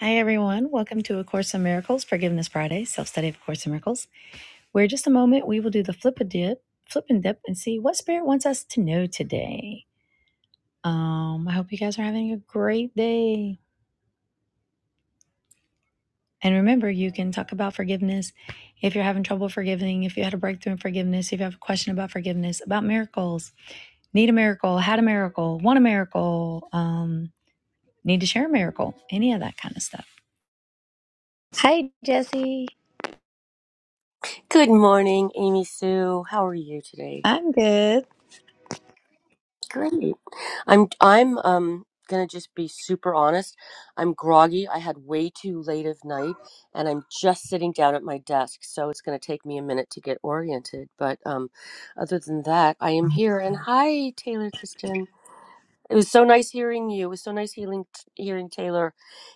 Hi, everyone. Welcome to A Course in Miracles, Forgiveness Friday, self study of A Course in Miracles, where just a moment we will do the flip a dip, flip and dip, and see what spirit wants us to know today. Um, I hope you guys are having a great day. And remember, you can talk about forgiveness if you're having trouble forgiving, if you had a breakthrough in forgiveness, if you have a question about forgiveness, about miracles, need a miracle, had a miracle, want a miracle, um, need to share a miracle, any of that kind of stuff. Hi, Jesse. Good morning, Amy Sue. How are you today? I'm good. Great. I'm I'm um gonna just be super honest. I'm groggy. I had way too late of night and I'm just sitting down at my desk, so it's gonna take me a minute to get oriented. But um other than that, I am here and hi Taylor Kristen. It was so nice hearing you. It was so nice hearing hearing Taylor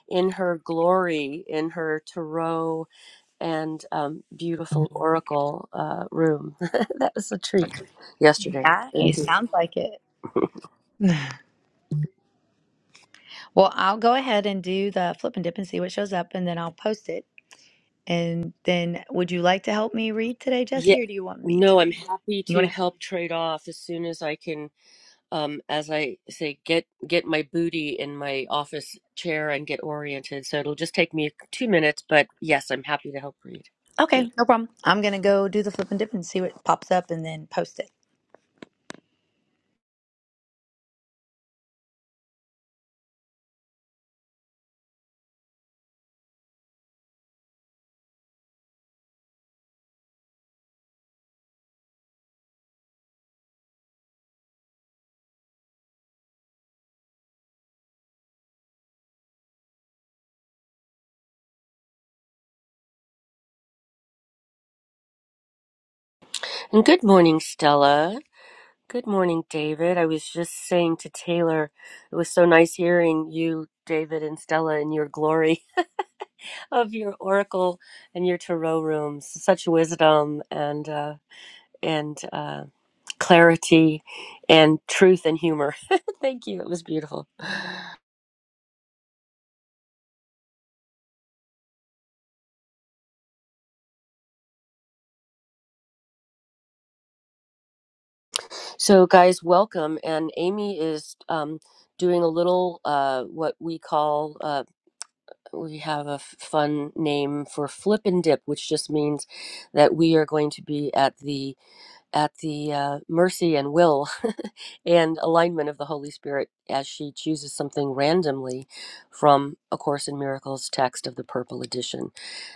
in her glory, in her tarot and um, beautiful oracle uh, room. that was a treat yesterday. Thank Nice. you. Sounds like it. Well, I'll go ahead and do the flip and dip and see what shows up, and then I'll post it. And then, would you like to help me read today, Yeah, Jesse, or do you want me to no, I'm read? happy You to want to? help trade off as soon as I can. Um, as I say, get get my booty in my office chair and get oriented. So it'll just take me two minutes, but yes, I'm happy to help read. Okay, Thank. no problem. I'm gonna go do the flip and dip and see what pops up, and then post it. And good morning, Stella. Good morning, David. I was just saying to Taylor, it was so nice hearing you, David, and Stella in your glory of your oracle and your tarot rooms. Such wisdom and uh, and uh, clarity and truth and humor. Thank you. It was beautiful. So, guys, welcome. And Amy is um, doing a little uh, what we call. Uh, we have a f- fun name for flip and dip, which just means that we are going to be at the at the uh, mercy and will and alignment of the Holy Spirit as she chooses something randomly from A Course in Miracles text of the Purple Edition.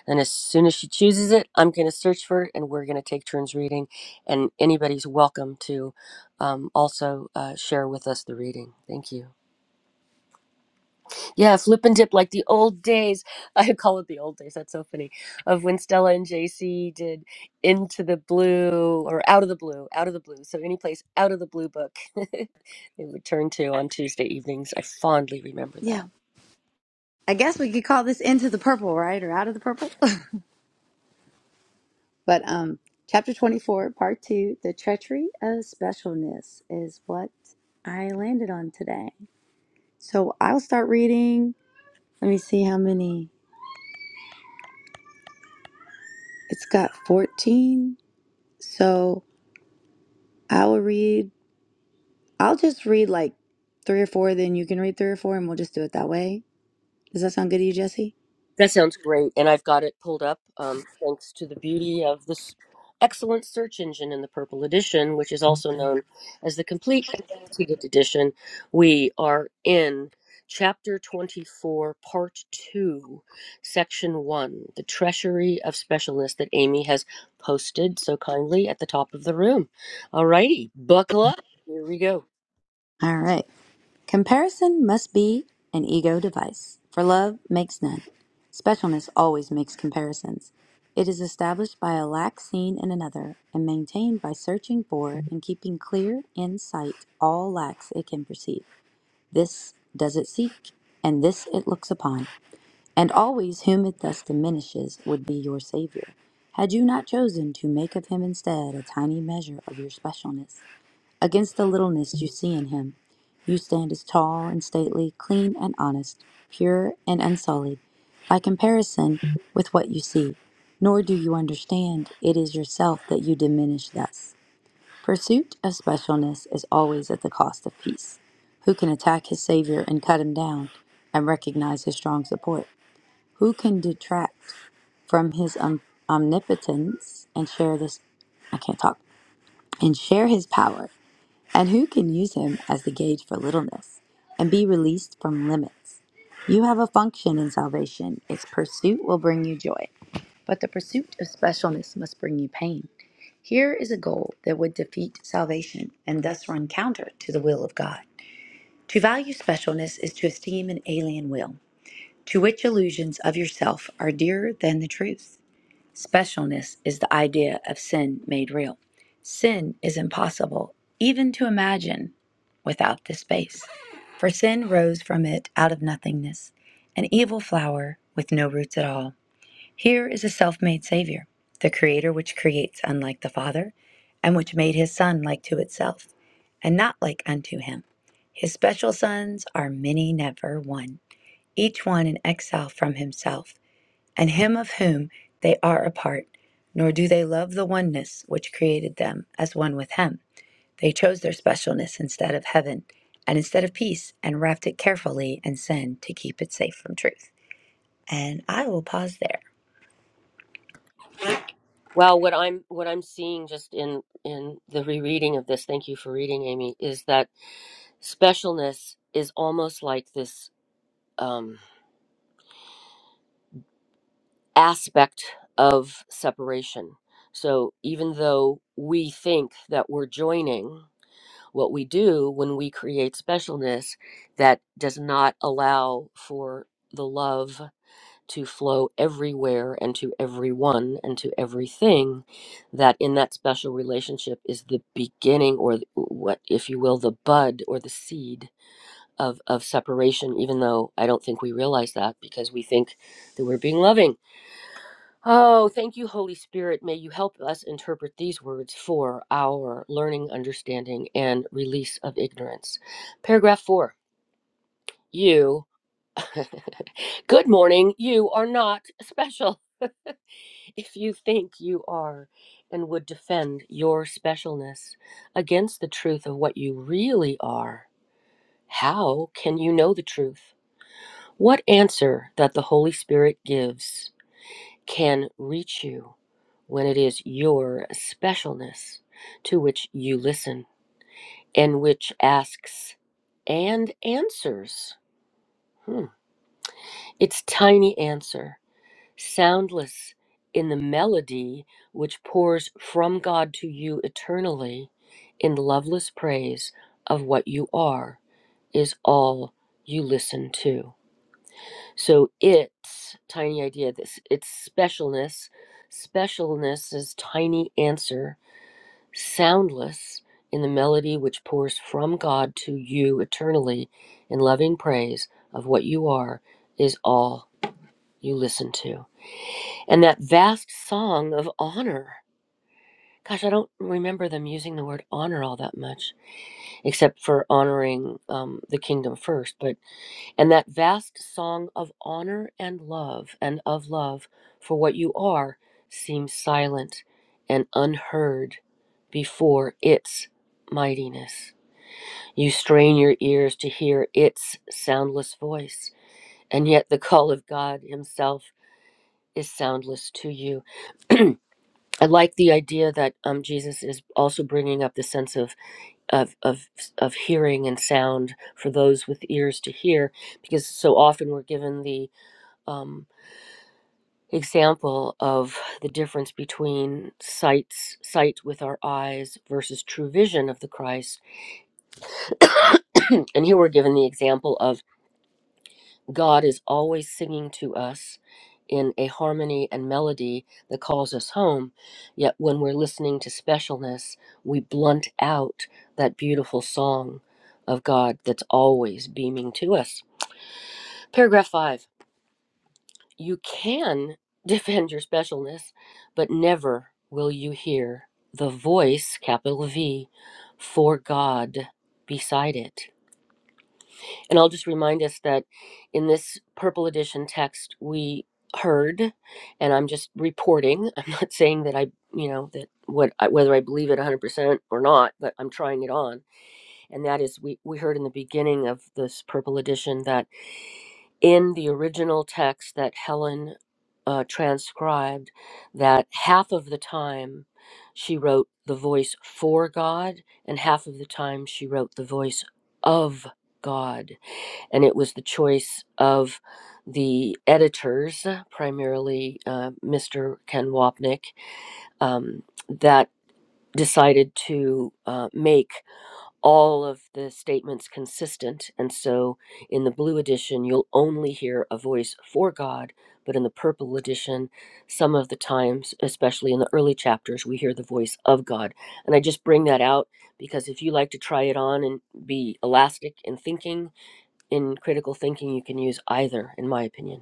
And as soon as she chooses it, I'm going to search for it and we're going to take turns reading. And anybody's welcome to um, also uh, share with us the reading. Thank you. Yeah, flip and dip like the old days. I call it the old days. That's so funny. Of when Stella and JC did Into the Blue or Out of the Blue, Out of the Blue. So any place out of the blue book they would turn to on Tuesday evenings. I fondly remember that. Yeah. I guess we could call this Into the Purple, right? Or Out of the Purple. but um chapter 24, part 2, The Treachery of Specialness is what I landed on today. So I'll start reading. Let me see how many. It's got 14. So I will read, I'll just read like three or four, then you can read three or four, and we'll just do it that way. Does that sound good to you, Jesse? That sounds great, and I've got it pulled up um, thanks to the beauty of this excellent search engine in the Purple Edition, which is also known as the Complete and Annotated Edition. We are in Chapter 24, Part 2, Section 1, The Treasury of Specialness that Amy has posted so kindly at the top of the room. All righty, buckle up. Here we go. All right. Comparison must be an ego device, for love makes none. Specialness always makes comparisons. It is established by a lack seen in another and maintained by searching for and keeping clear in sight all lacks it can perceive. This does it seek, and this it looks upon. and always whom it thus diminishes would be your Saviour, had you not chosen to make of him instead a tiny measure of your specialness. Against the littleness you see in him, you stand as tall and stately, clean and honest, pure and unsullied, by comparison with what you see, nor do you understand it is yourself that you diminish thus. Pursuit of specialness is always at the cost of peace. Who can attack his Saviour and cut him down, and recognize his strong support? Who can detract from his um, omnipotence and share this? I can't talk. And share his power? And who can use him as the gauge for littleness and be released from limits? You have a function in salvation. Its pursuit will bring you joy, but the pursuit of specialness must bring you pain. Here is a goal that would defeat salvation and thus run counter to the will of God. To value specialness is to esteem an alien will. To which illusions of yourself are dearer than the truth? Specialness is the idea of sin made real. Sin is impossible even to imagine without this space. For sin rose from it out of nothingness, an evil flower with no roots at all. Here is a self made Savior, the Creator which creates unlike the Father, and which made his Son like to itself, and not like unto him. His special sons are many, never one each one in exile from himself, and him of whom they are a part, nor do they love the oneness which created them as one with him. They chose their specialness instead of heaven, and instead of peace, and wrapped it carefully in sin to keep it safe from truth. And I will pause there. Well, what I'm what I'm seeing just in in the rereading of this, thank you for reading, Amy, is that specialness is almost like this um, aspect of separation. So even though we think that we're joining, what we do when we create specialness that does not allow for the love to flow everywhere and to everyone and to everything that in that special relationship is the beginning or the- what if you will the bud or the seed of of separation even though i don't think we realize that because we think that we're being loving oh thank you holy spirit may you help us interpret these words for our learning understanding and release of ignorance paragraph 4 you good morning you are not special if you think you are and would defend your specialness against the truth of what you really are how can you know the truth What answer that the Holy Spirit gives can reach you when it is your specialness to which you listen and which asks and answers? Hmm. Its tiny answer, soundless in the melody which pours from God to you eternally in loveless praise of what you are, is all you listen to. So it's tiny idea. This it's specialness. Specialness is tiny answer, soundless in the melody which pours from God to you eternally in loving praise of what you are is all you listen to. And that vast song of honor. Gosh, I don't remember them using the word honor all that much, except for honoring um, the kingdom first. But And that vast song of honor and love and of love for what you are seems silent and unheard before its mightiness. You strain your ears to hear its soundless voice, and yet the call of God Himself is soundless to you. I like the idea that um, Jesus is also bringing up the sense of, of of of hearing and sound for those with ears to hear, because so often we're given the um. example of the difference between sights sight with our eyes versus true vision of the Christ. and here we're given the example of God is always singing to us in a harmony and melody that calls us home. Yet when we're listening to specialness, we blunt out that beautiful song of God that's always beaming to us. Paragraph 5 you can defend your specialness, but never will you hear the voice, capital V, for God beside it. And I'll just remind us that in this purple edition text, we heard, and I'm just reporting, I'm not saying that I, you know, that what I, whether I believe it 100% or not, but I'm trying it on. And that is, we, we heard in the beginning of this purple edition that in the original text that Helen uh, transcribed that half of the time she wrote the voice for God, and half of the time she wrote the voice of God. And it was the choice of the editors, primarily uh, Mr. Ken Wapnick, um, that decided to uh, make all of the statements consistent. And so in the blue edition, you'll only hear a voice for God, but in the purple edition, some of the times, especially in the early chapters, we hear the voice of God. And I just bring that out because if you like to try it on and be elastic in thinking, in critical thinking, you can use either, in my opinion.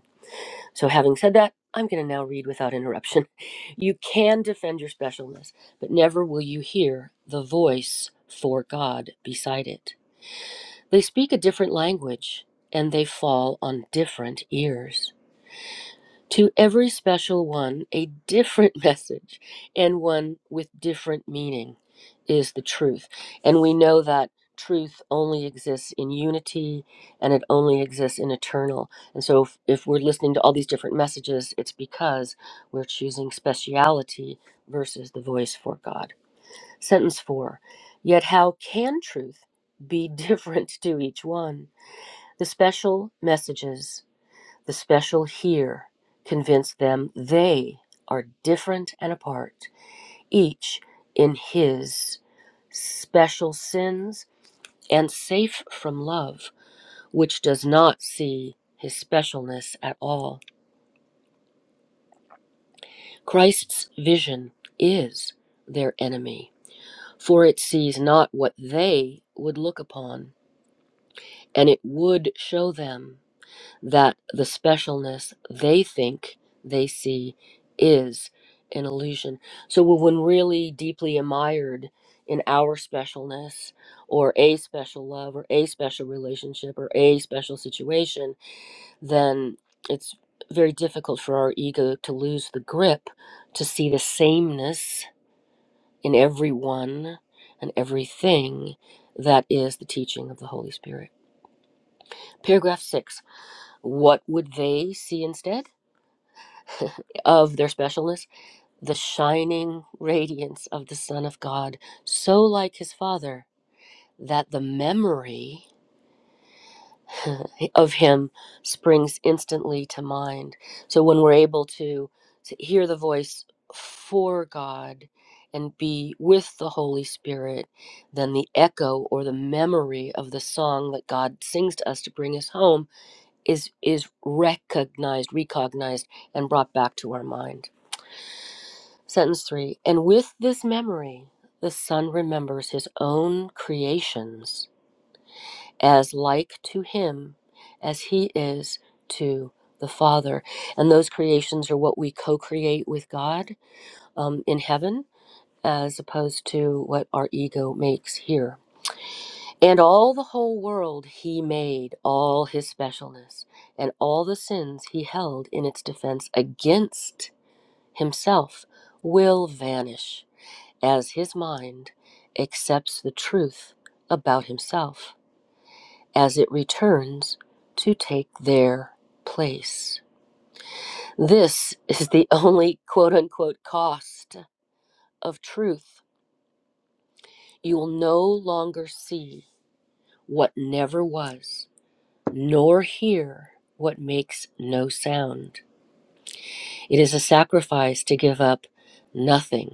So, having said that, I'm going to now read without interruption. You can defend your specialness, but never will you hear the voice for God beside it. They speak a different language and they fall on different ears. To every special one, a different message and one with different meaning is the truth. And we know that truth only exists in unity and it only exists in eternal. And so if, if we're listening to all these different messages, it's because we're choosing speciality versus the voice for God. Sentence four Yet how can truth be different to each one? The special messages the special here convinced them they are different and apart, each in his special sins and safe from love, which does not see his specialness at all. Christ's vision is their enemy, for it sees not what they would look upon, and it would show them that the specialness they think they see is an illusion. So when when really deeply admired in our specialness or a special love or a special relationship or a special situation, then it's very difficult for our ego to lose the grip to see the sameness in everyone and everything that is the teaching of the Holy Spirit. Paragraph six What would they see instead? of their specialness, the shining radiance of the Son of God, so like his Father that the memory of him springs instantly to mind. So when we're able to, to hear the voice for God and be with the Holy Spirit, then the echo or the memory of the song that God sings to us to bring us home is is recognized, recognized, and brought back to our mind. Sentence three And with this memory, the Son remembers his own creations as like to him as he is to the Father. And those creations are what we co create with God um, in heaven, as opposed to what our ego makes here. And all the whole world he made, all his specialness, and all the sins he held in its defense against himself will vanish as his mind accepts the truth about himself as it returns to take their place. This is the only quote unquote cost of truth. You will no longer see what never was, nor hear what makes no sound. It is a sacrifice to give up nothing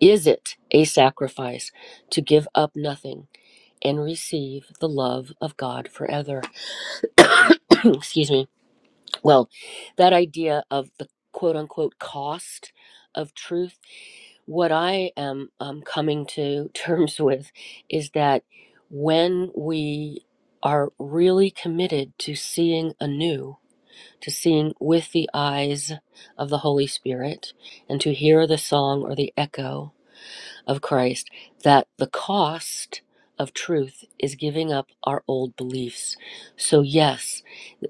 Is it a sacrifice to give up nothing and receive the love of God forever? Excuse me. Well, that idea of the quote unquote cost of truth, what I am um, coming to terms with is that when we are really committed to seeing anew, to seeing with the eyes of the Holy Spirit, and to hear the song or the echo of Christ that the cost of truth is giving up our old beliefs. So yes,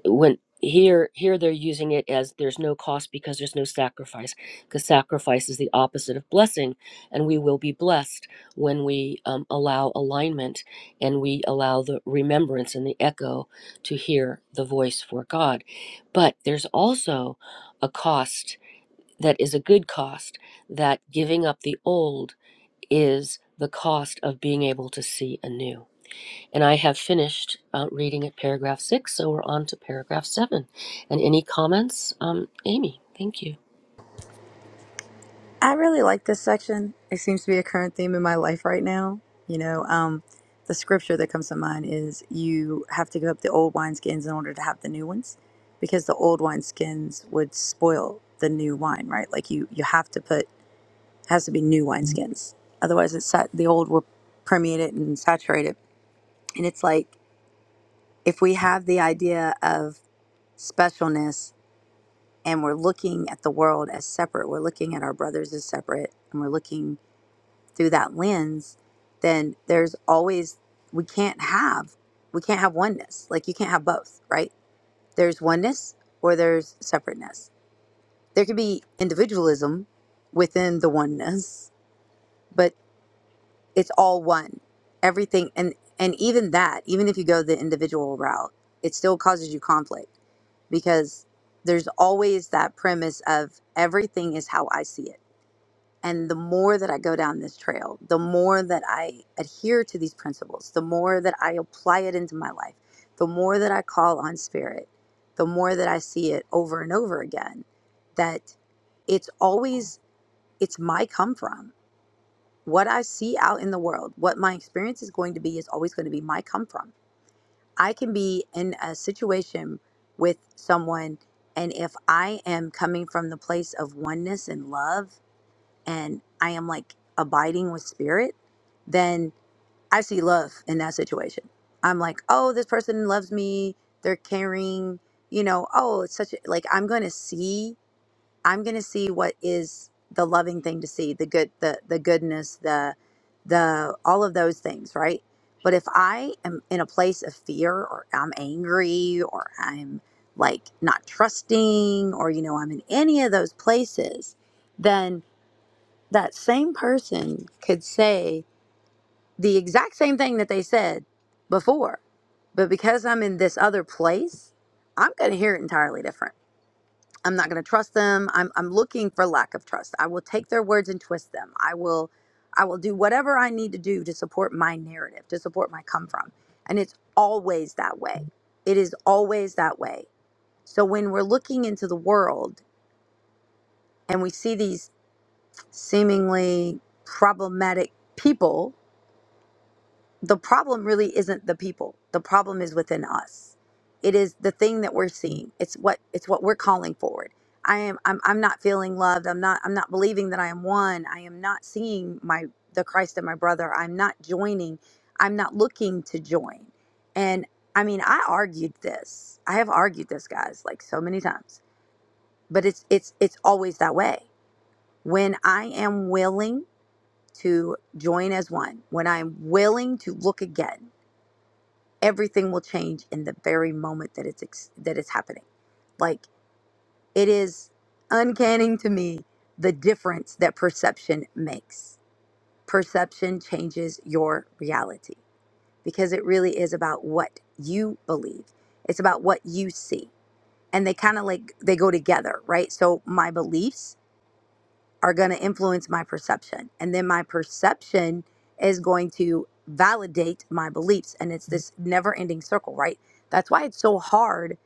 when here here they're using it as there's no cost because there's no sacrifice because sacrifice is the opposite of blessing and we will be blessed when we um, allow alignment and we allow the remembrance and the echo to hear the voice for god but there's also a cost that is a good cost that giving up the old is the cost of being able to see anew. And I have finished uh, reading at paragraph six, so we're on to paragraph seven. And any comments, um, Amy? Thank you. I really like this section. It seems to be a current theme in my life right now. You know, um, the scripture that comes to mind is you have to give up the old wineskins in order to have the new ones because the old wineskins would spoil the new wine, right? Like you, you have to put, has to be new wineskins. Otherwise, it's sat, the old will permeate it and saturate it. And it's like if we have the idea of specialness and we're looking at the world as separate, we're looking at our brothers as separate, and we're looking through that lens, then there's always we can't have we can't have oneness. Like you can't have both, right? There's oneness or there's separateness. There could be individualism within the oneness, but it's all one. Everything and and even that, even if you go the individual route, it still causes you conflict because there's always that premise of everything is how I see it and the more that I go down this trail, the more that I adhere to these principles, the more that I apply it into my life, the more that I call on spirit, the more that I see it over and over again, that it's always, it's my come from. What I see out in the world, what my experience is going to be, is always going to be my come from. I can be in a situation with someone, and if I am coming from the place of oneness and love, and I am like abiding with spirit, then I see love in that situation. I'm like, oh, this person loves me. They're caring. You know, oh, it's such a, like I'm going to see. I'm going to see what is the loving thing to see, the good, the the goodness, the the all of those things, right? But if I am in a place of fear, or I'm angry, or I'm like not trusting, or you know, I'm in any of those places, then that same person could say the exact same thing that they said before. But because I'm in this other place, I'm going to hear it entirely different. I'm not going to trust them. I'm, I'm looking for lack of trust. I will take their words and twist them. I will I will do whatever I need to do to support my narrative, to support my come from. And it's always that way. It is always that way. So when we're looking into the world and we see these seemingly problematic people the problem really isn't the people the problem is within us it is the thing that we're seeing it's what it's what we're calling forward i am i'm, I'm not feeling loved i'm not i'm not believing that i am one i am not seeing my the christ in my brother i'm not joining i'm not looking to join and i mean i argued this i have argued this guys like so many times but it's it's it's always that way when i am willing to join as one when i'm willing to look again everything will change in the very moment that it's ex- that it's happening like it is uncanny to me the difference that perception makes perception changes your reality because it really is about what you believe it's about what you see and they kind of like they go together right so my beliefs are going to influence my perception. And then my perception is going to validate my beliefs. And it's this never ending circle, right? That's why it's so hard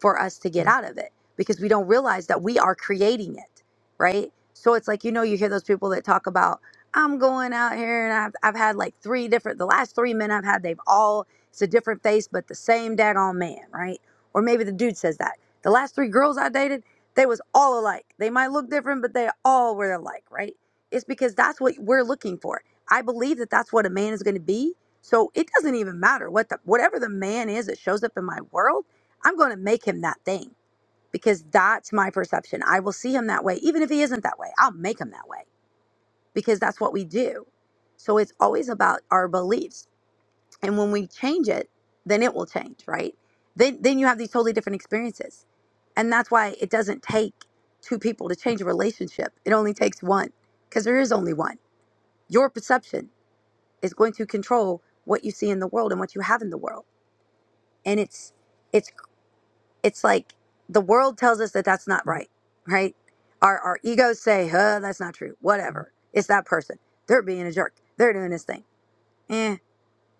for us to get out of it because we don't realize that we are creating it, right? So it's like, you know, you hear those people that talk about, I'm going out here and I've, I've had like three different, the last three men I've had, they've all, it's a different face, but the same daggone man, right? Or maybe the dude says that. The last three girls I dated, they was all alike. They might look different, but they all were alike, right? It's because that's what we're looking for. I believe that that's what a man is going to be. So it doesn't even matter what the whatever the man is that shows up in my world, I'm going to make him that thing because that's my perception. I will see him that way even if he isn't that way. I'll make him that way because that's what we do. So it's always about our beliefs and when we change it then it will change right then then you have these totally different experiences and that's why it doesn't take two people to change a relationship it only takes one because there is only one your perception is going to control what you see in the world and what you have in the world and it's it's it's like the world tells us that that's not right right our our egos say huh that's not true whatever it's that person they're being a jerk they're doing this thing Eh.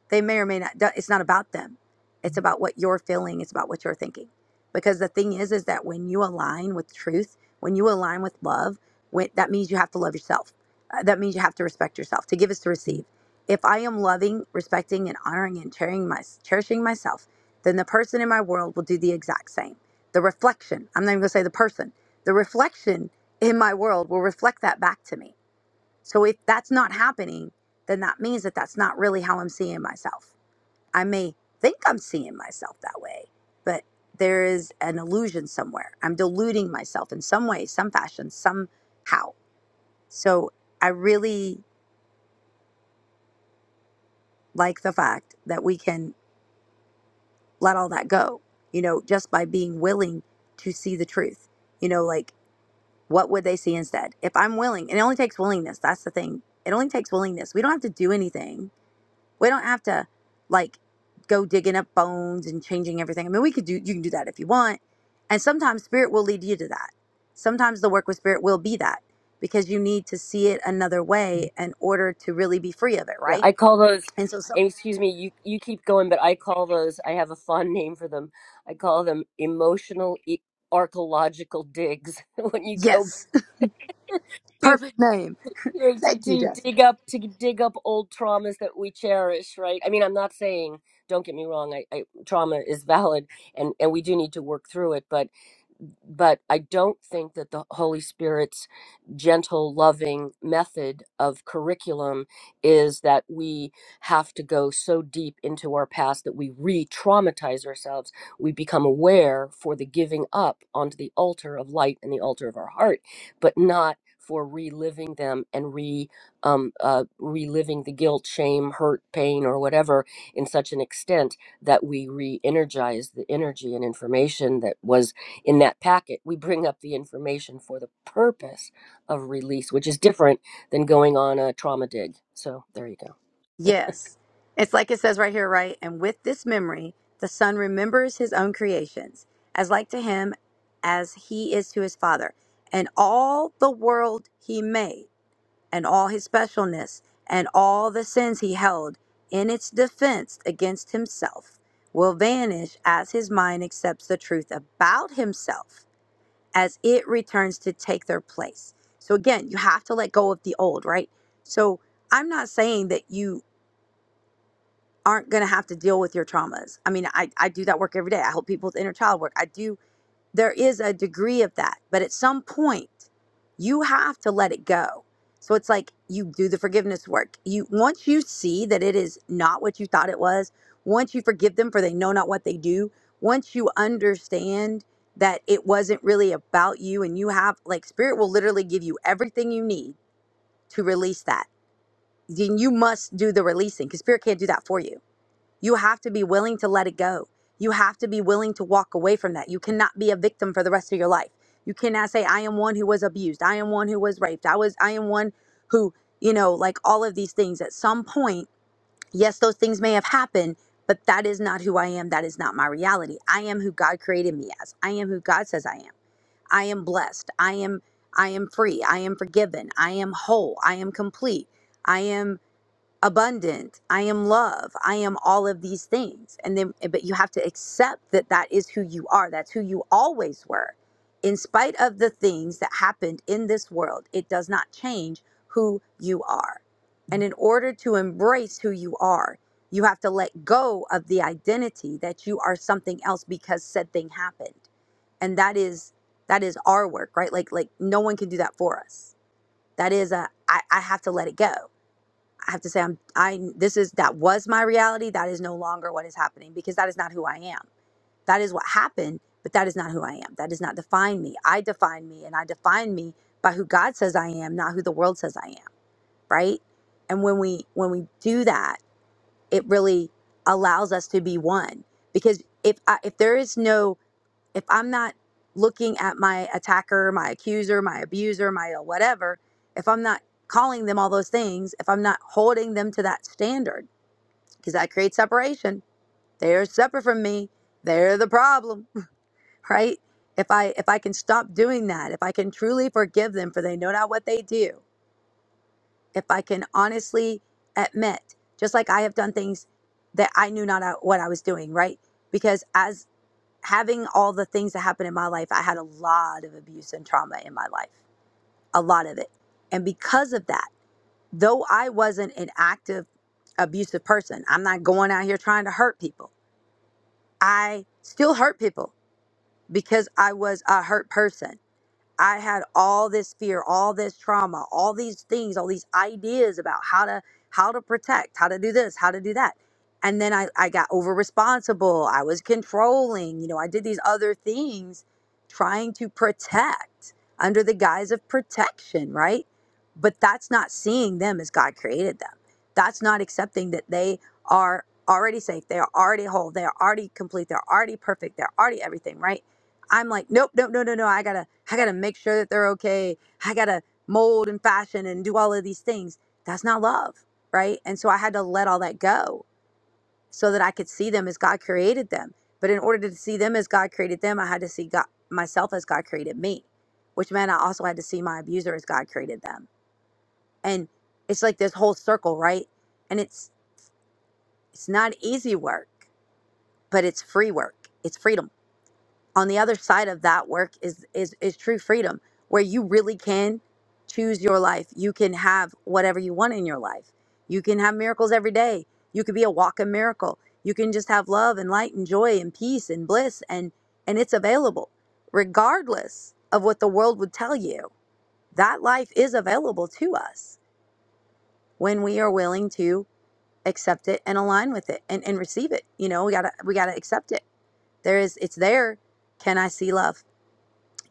they may or may not it's not about them it's about what you're feeling it's about what you're thinking because the thing is is that when you align with truth when you align with love when, that means you have to love yourself Uh, that means you have to respect yourself to give is to receive if i am loving respecting and honoring and cherishing, my, cherishing myself then the person in my world will do the exact same the reflection i'm not even going to say the person the reflection in my world will reflect that back to me so if that's not happening then that means that that's not really how i'm seeing myself I may think I'm seeing myself that way, but there is an illusion somewhere. I'm deluding myself in some way, some fashion, somehow. So I really like the fact that we can let all that go, you know, just by being willing to see the truth. You know, like what would they see instead? If I'm willing, and it only takes willingness, that's the thing. It only takes willingness. We don't have to do anything We don't have to like go digging up bones and changing everything. I mean, we could do you can do that if you want. And sometimes spirit will lead you to that. Sometimes the work with spirit will be that because you need to see it another way in order to really be free of it, Yeah, right? I call those. And so some and Excuse me, you you keep going, but I call those. I have a fun name for them. I call them emotional e- archaeological digs. when you go yes, to. perfect name. to, to Thank you, to Jessica. dig up to dig up old traumas that we cherish right i mean i'm not saying don't get me wrong I, I trauma is valid and and we do need to work through it but but i don't think that the holy spirit's gentle loving method of curriculum is that we have to go so deep into our past that we re-traumatize ourselves we become aware for the giving up onto the altar of light and the altar of our heart but not for reliving them and re um, uh, reliving the guilt, shame, hurt, pain, or whatever in such an extent that we re-energize the energy and information that was in that packet. We bring up the information for the purpose of release, which is different than going on a trauma dig. So there you go. Yes. It's like it says right here, right? And with this memory, the son remembers his own creations as like to him as he is to his father and all the world he made. and all his specialness and all the sins he held in its defense against himself will vanish as his mind accepts the truth about himself as it returns to take their place. So again, you have to let go of the old, right? So I'm not saying that you aren't going to have to deal with your traumas. I mean, I, I do that work every day. I help people with inner child work. I do there is a degree of that. But at some point, you have to let it go. So it's like you do the forgiveness work. You once you see that it is not what you thought it was, once you forgive them for they know not what they do, once you understand that it wasn't really about you and you have like spirit will literally give you everything you need to release that. Then you must do the releasing because spirit can't do that for you you have to be willing to let it go. You have to be willing to walk away from that. You cannot be a victim for the rest of your life. You cannot say, I am one who was abused. I am one who was raped. I was, I am one who, you know, like all of these things at some point, yes, those things may have happened, but that is not who I am. That is not my reality. I am who God created me as. I am who God says I am. I am blessed. I am, I am free. I am forgiven. I am whole. I am complete. I am abundant i am love i am all of these things and then eh, but you have to accept that that is who you are that's who you always were in spite of the things that happened in this world it does not change who you are and in order to embrace who you are you have to let go of the identity that you are something else because said thing happened and that is that is our work right like like no one can do that for us that is a i, I have to let it go I have to say I'm I this is that was my reality. That is no longer what is happening because that is not who I am. That is what happened, but that is not who I am. That does not define me. I define me and I define me by who God says I am, not who the world says I am, right? And when we when we do that, it really allows us to be one. Because if I, if there is no if I'm not looking at my attacker, my accuser, my abuser, my uh, whatever, if I'm not calling them all those things, if I'm not holding them to that standard, because that creates separation. They're separate from me. They're the problem, right? If I if I can stop doing that, if I can truly forgive them for they know not what they do, if I can honestly admit, just like I have done things that I knew not uh, what I was doing, right? Because as having all the things that happened in my life, I had a lot of abuse and trauma in my life, a lot of it. And because of that, though I wasn't an active abusive person, I'm not going out here trying to hurt people. I still hurt people because I was a hurt person. I had all this fear, all this trauma, all these things, all these ideas about how to how to protect, how to do this, how to do that. And then I, I got over responsible. I was controlling, you know, I did these other things trying to protect under the guise of protection, right? But that's not seeing them as God created them. That's not accepting that they are already safe, they are already whole, they are already complete, they're already perfect, they're already everything, right? I'm like, nope, nope, no, no, no. I gotta, I gotta make sure that they're okay. I gotta mold and fashion and do all of these things. That's not love, right? And so I had to let all that go so that I could see them as God created them. But in order to see them as God created them, I had to see God myself as God created me, which meant I also had to see my abuser as God created them. And it's like this whole circle, right? And it's it's not easy work, but it's free work. It's freedom on the other side of that work is is is true freedom where you really can choose your life you can have whatever you want in your life you can have miracles every day you could be a walking miracle you can just have love and light and joy and peace and bliss and and it's available regardless of what the world would tell you that life is available to us when we are willing to accept it and align with it and, and receive it you know we gotta we gotta accept it there is it's there can i see love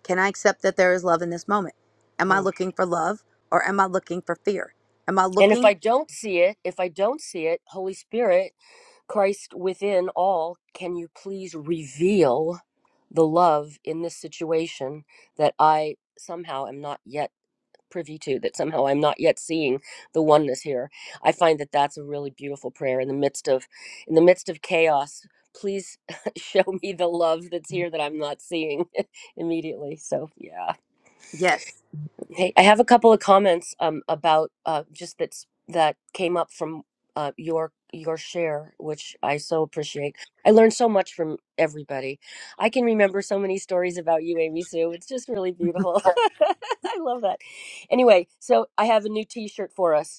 can I accept that there is love in this moment? Am Hmm. I looking for love or am I looking for fear? Am I And if I looking? don't see it, if I don't see it, Holy Spirit, Christ within all, can you please reveal the love in this situation that I somehow am not yet privy to, that somehow I'm not yet seeing the oneness here. I find that that's a really beautiful prayer in the midst of in the midst of chaos. Please show me the love that's here that I'm not seeing immediately. So, yeah. Yes. Hey, I have a couple of comments um, about uh, just that that came up from uh, your your share, which I so appreciate. I learned so much from everybody. I can remember so many stories about you, Amy Sue. It's just really beautiful. I love that. Anyway, so I have a new T-shirt for us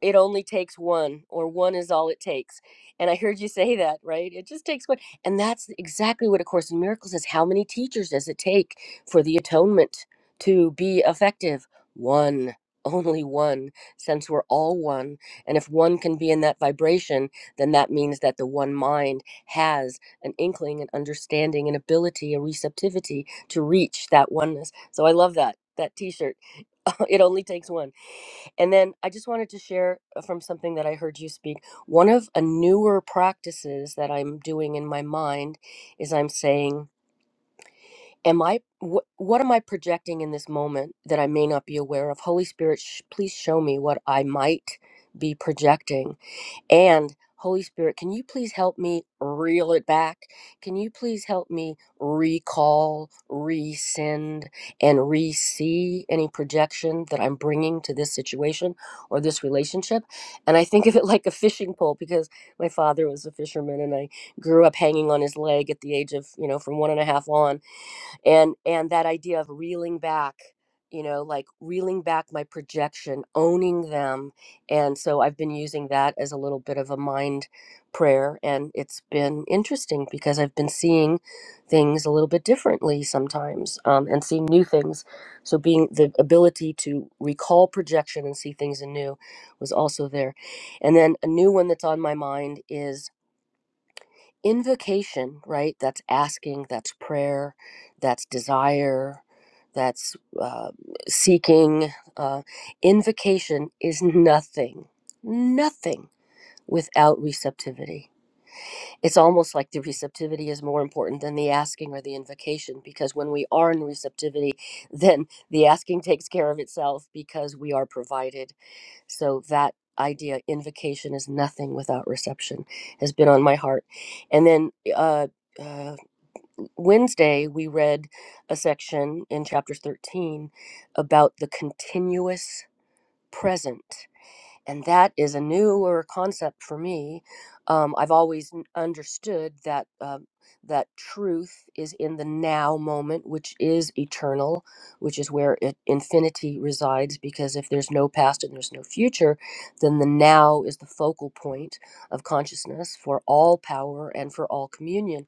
it only takes one or one is all it takes and i heard you say that right it just takes one and that's exactly what a course in miracles is how many teachers does it take for the atonement to be effective one only one since we're all one and if one can be in that vibration then that means that the one mind has an inkling an understanding an ability a receptivity to reach that oneness so i love that that t-shirt it only takes one and then I just wanted to share uh, from something that I heard you speak. One of a newer practices that I'm doing in my mind is I'm saying, Am I, wh- what am I projecting in this moment that I may not be aware of? Holy Spirit, sh- please show me what I might be projecting and Holy Spirit, can you please help me reel it back? Can you please help me recall, resend, and re see any projection that I'm bringing to this situation or this relationship? And I think of it like a fishing pole because my father was a fisherman and I grew up hanging on his leg at the age of, you know, from one and a half on and and that idea of reeling back you know like reeling back my projection owning them and so i've been using that as a little bit of a mind prayer and it's been interesting because i've been seeing things a little bit differently sometimes um, and seeing new things so being the ability to recall projection and see things anew was also there and then a new one that's on my mind is invocation, right? That's asking, that's prayer, that's desire, that's uh, seeking. Uh, invocation is nothing, nothing without receptivity. It's almost like the receptivity is more important than the asking or the invocation because when we are in receptivity, then the asking takes care of itself because we are provided so that idea, invocation is nothing without reception, has been on my heart. And then uh, uh, Wednesday, we read a section in chapter 13 about the continuous present and that is a newer concept for me. Um, I've always n- understood that uh, that truth is in the now moment, which is eternal, which is where it, infinity resides. Because if there's no past and there's no future, then the now is the focal point of consciousness for all power and for all communion.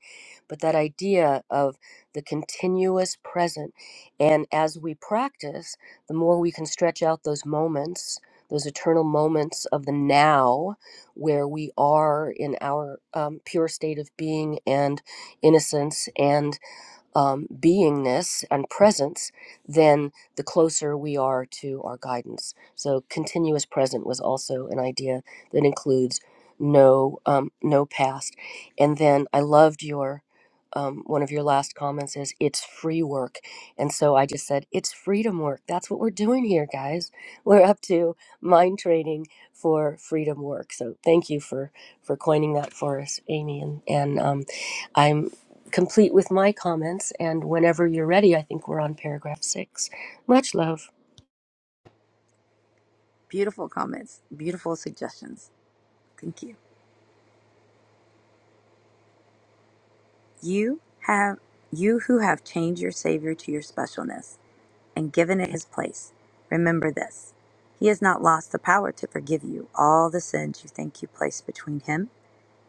But that idea of the continuous present, and as we practice, the more we can stretch out those moments those eternal moments of the now where we are in our um, pure state of being and innocence. And um, beingness and presence, then the closer we are to our guidance. So, continuous present was also an idea that includes no um, no past. And then I loved your um, one of your last comments is it's free work, and so I just said it's freedom work. That's what we're doing here, guys. We're up to mind training for freedom work. So thank you for for coining that for us, Amy, and and um, I'm complete with my comments. And whenever you're ready, I think we're on paragraph six. Much love. Beautiful comments, beautiful suggestions. Thank you. You have you who have changed your savior to your specialness and given it his place. Remember this. He has not lost the power to forgive you all the sins you think you placed between him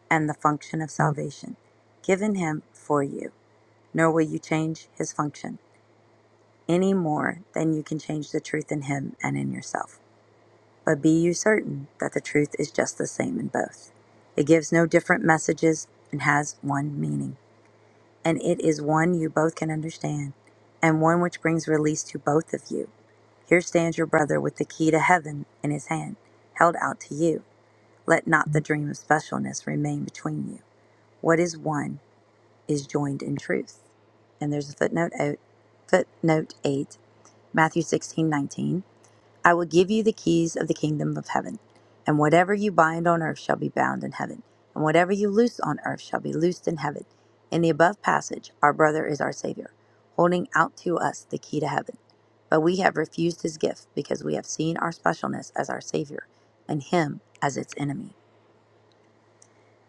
and the function of salvation given him for you. Nor will you change his function. any more than you can change the truth in him and in yourself. But be you certain that the truth is just the same in both. It gives no different messages and has one meaning. And it is one you both can understand, and one which brings release to both of you. Here stands your brother with the key to heaven in his hand, held out to you. Let not the dream of specialness remain between you. What is one is joined in truth. And there's a footnote out, footnote 8, Matthew sixteen nineteen. I will give you the keys of the kingdom of heaven. And whatever you bind on earth shall be bound in heaven, and whatever you loose on earth shall be loosed in heaven. In the above passage, our brother is our Savior, holding out to us the key to heaven. But we have refused his gift because we have seen our specialness as our Savior and him as its enemy.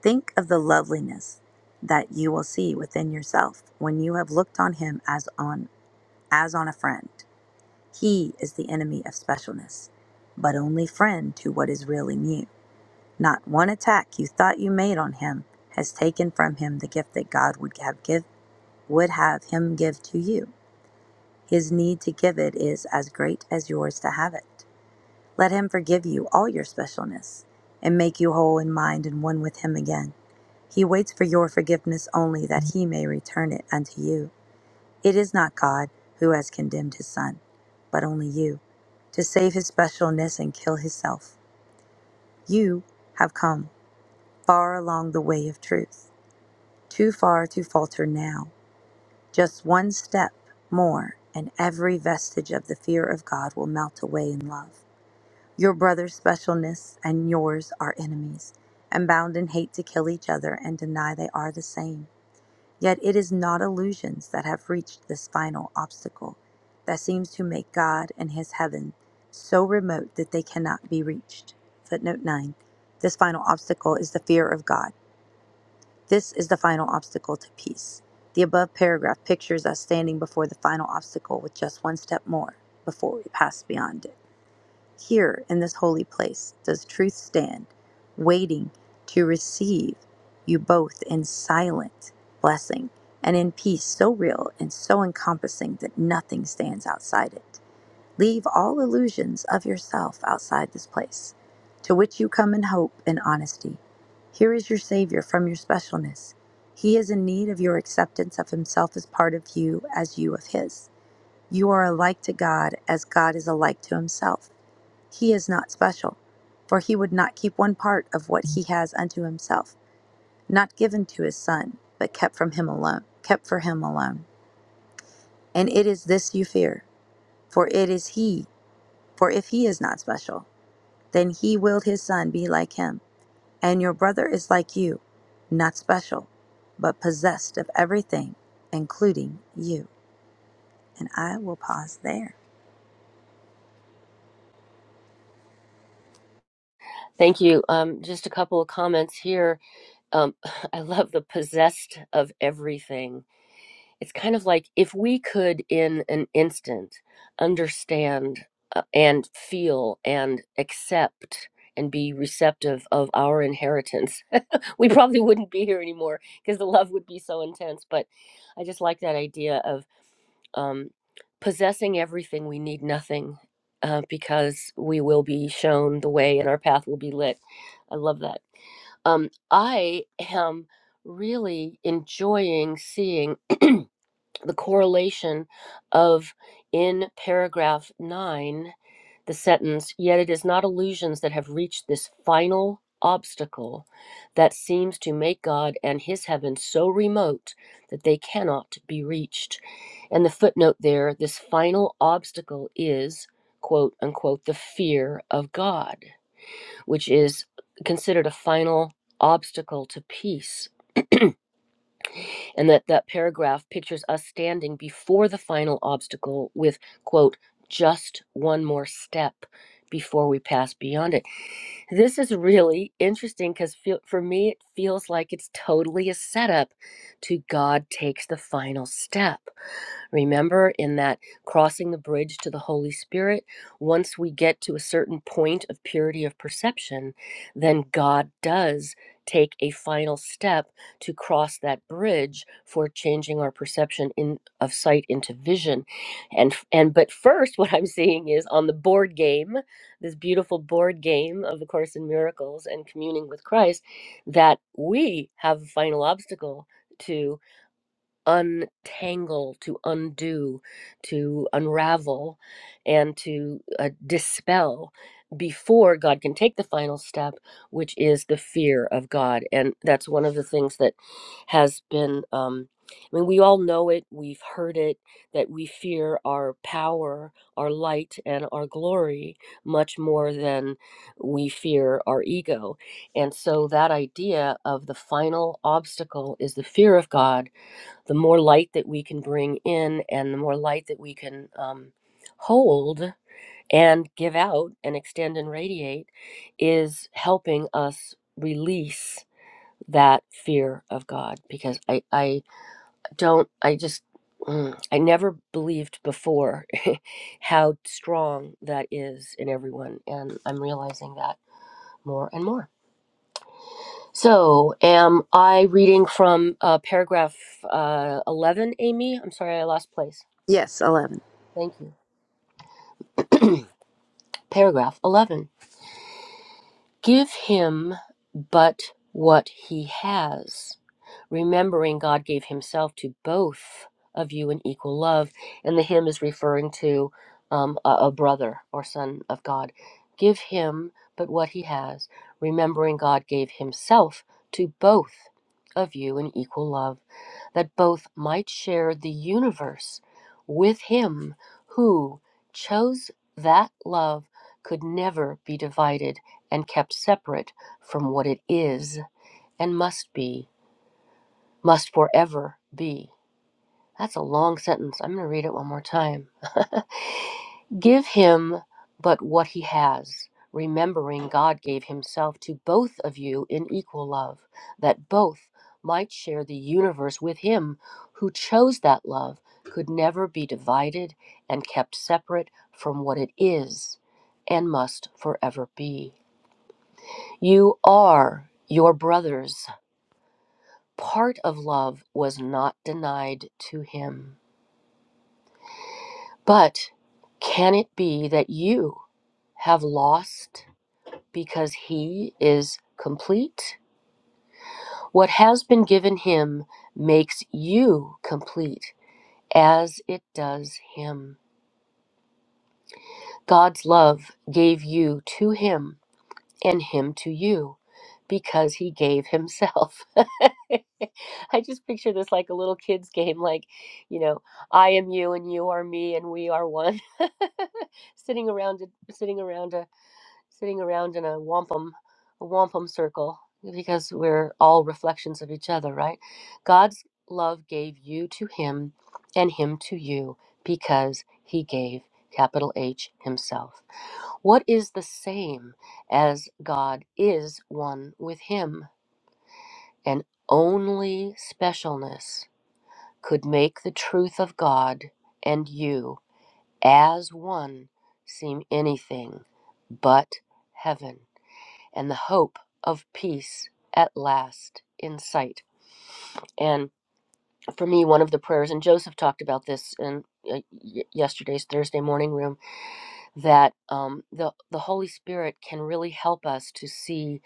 Think of the loveliness that you will see within yourself when you have looked on him as on as on a friend. He is the enemy of specialness, but only friend to what is really new. Not one attack you thought you made on him has taken from him the gift that God would have give would have him give to you. His need to give it is as great as yours to have it. Let him forgive you all your specialness and make you whole in mind and one with him again. He waits for your forgiveness only that he may return it unto you. It is not God who has condemned his son, but only you, to save his specialness and kill his self. You have come far along the way of truth, too far to falter now. Just one step more, and every vestige of the fear of God will melt away in love. Your brother's specialness and yours are enemies, and bound in hate to kill each other and deny they are the same. Yet it is not illusions that have reached this final obstacle that seems to make God and his heaven so remote that they cannot be reached. Footnote 9. This final obstacle is the fear of God. This is the final obstacle to peace. The above paragraph pictures us standing before the final obstacle with just one step more before we pass beyond it. Here in this holy place does truth stand, waiting to receive you both in silent blessing and in peace so real and so encompassing that nothing stands outside it. Leave all illusions of yourself outside this place, to which you come in hope and honesty. Here is your Savior from your specialness. He is in need of your acceptance of Himself as part of you, as you of His. You are alike to God as God is alike to Himself. He is not special, for he would not keep one part of what he has unto himself, not given to his son, but kept from him alone, kept for him alone. And it is this you fear, for it is he, for if he is not special, then he willed his son be like him, and your brother is like you, not special, but possessed of everything, including you. And I will pause there. Thank you. Um, just a couple of comments here. Um, I love the possessed of everything. It's kind of like if we could, in an instant, understand uh, and feel and accept and be receptive of our inheritance, we probably wouldn't be here anymore because the love would be so intense. But I just like that idea of um, possessing everything, we need nothing uh, because we will be shown the way and our path will be lit. I love that. Um, I am really enjoying seeing the correlation of in paragraph nine the sentence, yet it is not illusions that have reached this final obstacle that seems to make God and his heaven so remote that they cannot be reached. And the footnote there, this final obstacle is, quote unquote, the fear of God, which is considered a final obstacle to peace. And that that paragraph pictures us standing before the final obstacle with, quote, just one more step before we pass beyond it this is really interesting because for me, it feels like it's totally a setup to God takes the final step. Remember, in that crossing the bridge to the Holy Spirit, once we get to a certain point of purity of perception, then God does take a final step to cross that bridge for changing our perception in of sight into vision and and but first what i'm seeing is on the board game this beautiful board game of a course in miracles and communing with christ that we have a final obstacle to untangle, to undo, to unravel, and to uh, dispel before God can take the final step, which is the fear of God. And that's one of the things that has been, um, I mean, we all know it, we've heard it, that we fear our power, our light, and our glory much more than we fear our ego. And so that idea of the final obstacle is the fear of God the more light that we can bring in and the more light that we can um, hold and give out and extend and radiate is helping us release that fear of God because I, I don't, I just, mm, I never believed before how strong that is in everyone. And I'm realizing that more and more. So, am I reading from uh, paragraph uh, 11, Amy? I'm sorry, I lost place. Yes, 11. Thank you. Paragraph 11. Give him but what he has, remembering God gave himself to both of you in equal love. And the hymn is referring to um, a, a brother or son of God. Give him but what he has, remembering God gave himself to both of you in equal love. that both might share the universe with him who chose that love could never be divided and kept separate from what it is and must be, must forever be. That's a long sentence. I'm going to read it one more time. Give him but what he has, remembering God gave himself to both of you in equal love, that both might share the universe with him who chose that love, could never be divided and kept separate from what it is and must forever be. You are your brothers. Part of love was not denied to him. But can it be that you have lost because he is complete? What has been given him makes you complete as it does him. God's love gave you to him and him to you because he gave himself. I just picture this like a little kids game like, you know, I am you and you are me and we are one. sitting around a, sitting around a sitting around in a wampum a wampum circle because we're all reflections of each other right god's love gave you to him and him to you because he gave capital h himself what is the same as god is one with him and only specialness could make the truth of god and you as one seem anything but heaven and the hope of peace at last in sight. And for me, one of the prayers, and Joseph talked about this in uh, y- yesterday's Thursday morning room, that um, the the Holy Spirit can really help us to see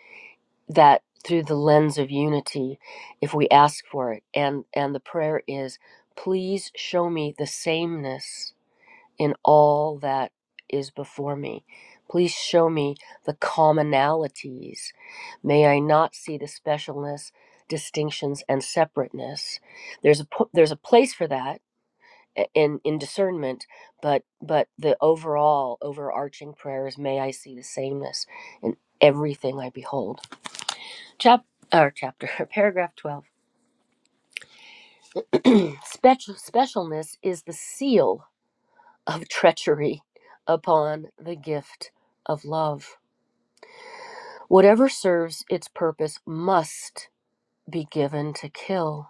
that through the lens of unity, if we ask for it. And and the prayer is, please show me the sameness in all that is before me. Please show me the commonalities. May I not see the specialness, distinctions, and separateness. There's a po- there's a place for that in in discernment, but but the overall overarching prayer is, may I see the sameness in everything I behold. Chap or chapter paragraph twelve. Special specialness is the seal of treachery upon the gift of love. Whatever serves its purpose must be given to kill.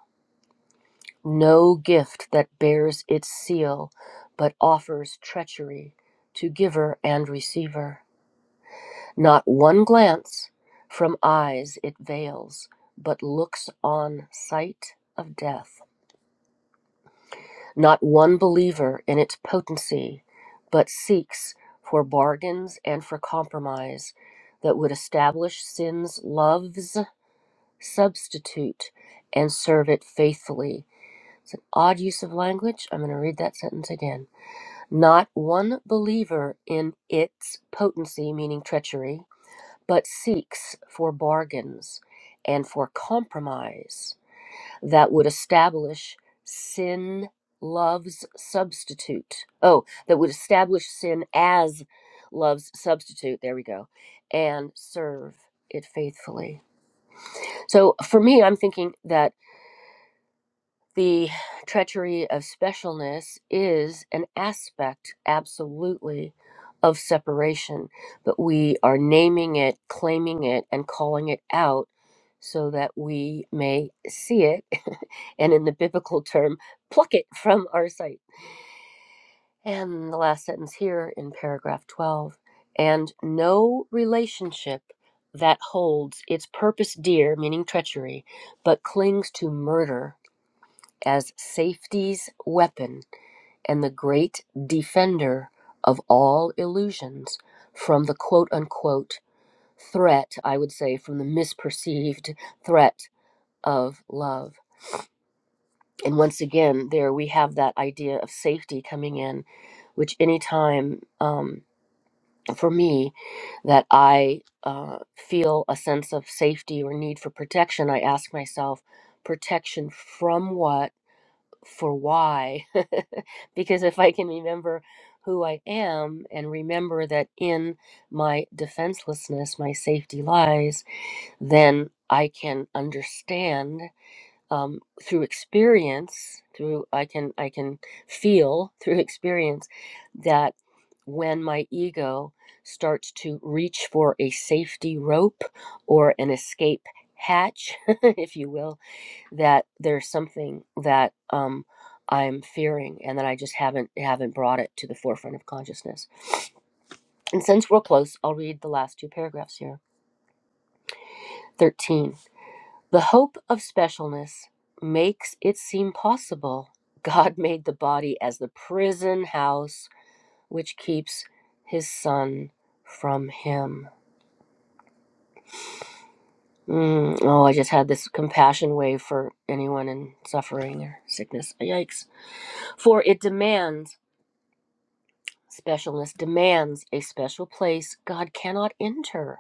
No gift that bears its seal but offers treachery to giver and receiver. Not one glance from eyes it veils, but looks on sight of death. not one believer in its potency, but seeks for bargains and for compromise that would establish sin's love's substitute and serve it faithfully. It's an odd use of language. I'm going to read that sentence again. Not one believer in its potency, meaning treachery, but seeks for bargains and for compromise that would establish sin love's substitute. Oh, that would establish sin as love's substitute. There we go. And serve it faithfully. So for me, I'm thinking that the treachery of specialness is an aspect, absolutely, of separation, but we are naming it, claiming it, and calling it out so that we may see it, and in the biblical term, pluck it from our sight. And the last sentence here in paragraph 12 and no relationship that holds its purpose dear, meaning treachery, but clings to murder as safety's weapon and the great defender of all illusions from the quote unquote threat, I would say, from the misperceived threat of love. And once again, there we have that idea of safety coming in, which anytime um, for me that I uh, feel a sense of safety or need for protection, I ask myself, protection from what? for why. because if I can remember who I am and remember that in my defenselessness, my safety lies, then I can understand um, through experience, through I can I can feel through experience that when my ego starts to reach for a safety rope or an escape hatch, if you will, that there's something that um, I'm fearing and that I just haven't haven't brought it to the forefront of consciousness. And since we're close, I'll read the last two paragraphs here. 13. The hope of specialness makes it seem possible God made the body as the prison house which keeps his son from him. Mm, oh, I just had this compassion wave for anyone in suffering or sickness. Yikes. For it demands Specialness demands a special place God cannot enter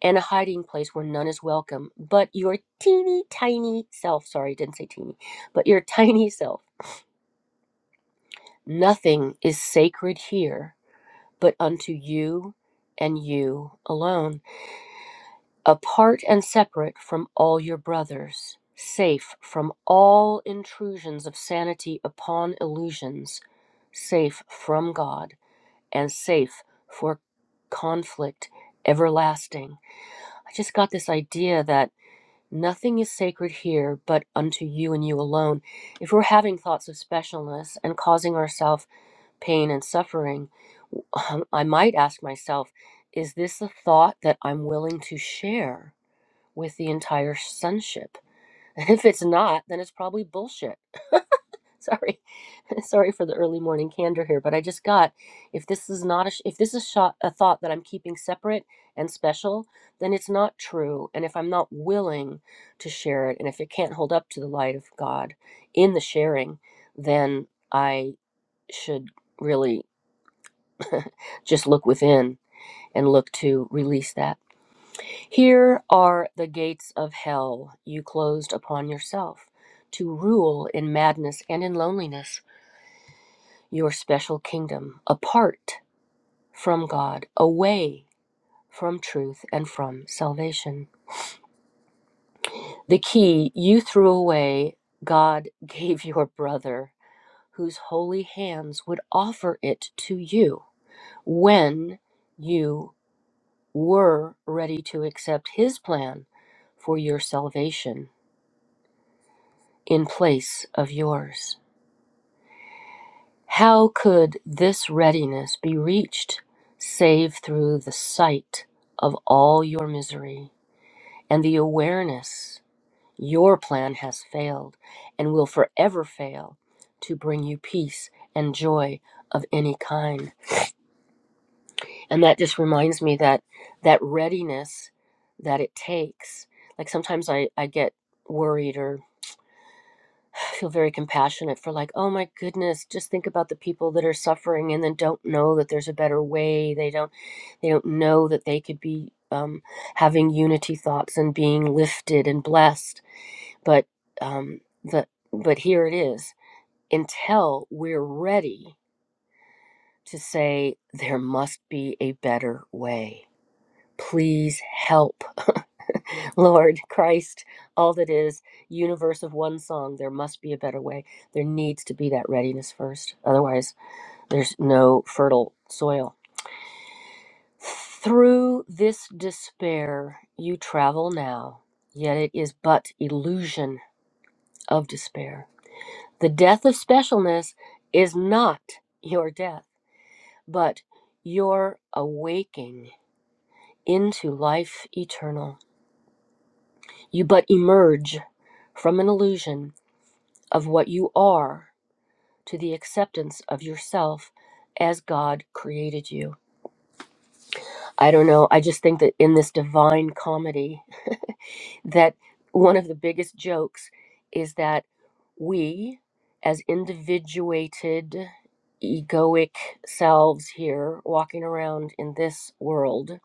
and a hiding place where none is welcome but your teeny tiny self. Sorry, didn't say teeny, but your tiny self. Nothing is sacred here but unto you and you alone, apart and separate from all your brothers, safe from all intrusions of sanity upon illusions, safe from God. and safe for conflict everlasting. I just got this idea that nothing is sacred here but unto you and you alone. If we're having thoughts of specialness and causing ourselves pain and suffering, um, I might ask myself, is this a thought that I'm willing to share with the entire sonship? And if it's not, then it's probably bullshit Sorry, sorry for the early morning candor here, but I just got if this is not a sh- if this is shot a thought that I'm keeping separate and special, then it's not true. And if I'm not willing to share it, and if it can't hold up to the light of God in the sharing, then I should really just look within and look to release that. Here are the gates of hell you closed upon yourself to rule in madness and in loneliness. your special kingdom apart from God, away from truth and from salvation. The key you threw away, God gave your brother, whose holy hands would offer it to you when you were ready to accept his plan for your salvation in place of yours. How could this readiness be reached save through the sight of all your misery and the awareness your plan has failed and will forever fail to bring you peace and joy of any kind? And that just reminds me that that readiness that it takes, like sometimes I, I get worried or. I feel very compassionate for like, oh my goodness, just think about the people that are suffering and then don't know that there's a better way. They don't they don't know that they could be um, having unity thoughts and being lifted and blessed. But um, the but here it is. Until we're ready to say there must be a better way Please help. Lord, Christ, all that is, universe of one song, there must be a better way. There needs to be that readiness first. Otherwise, there's no fertile soil. Through this despair you travel now, yet it is but illusion of despair. The death of specialness is not your death, but your awaking into life eternal. You but emerge from an illusion of what you are to the acceptance of yourself as God created you. I don't know. I just think that in this divine comedy, that one of the biggest jokes is that we, as individuated, egoic selves here walking around in this world,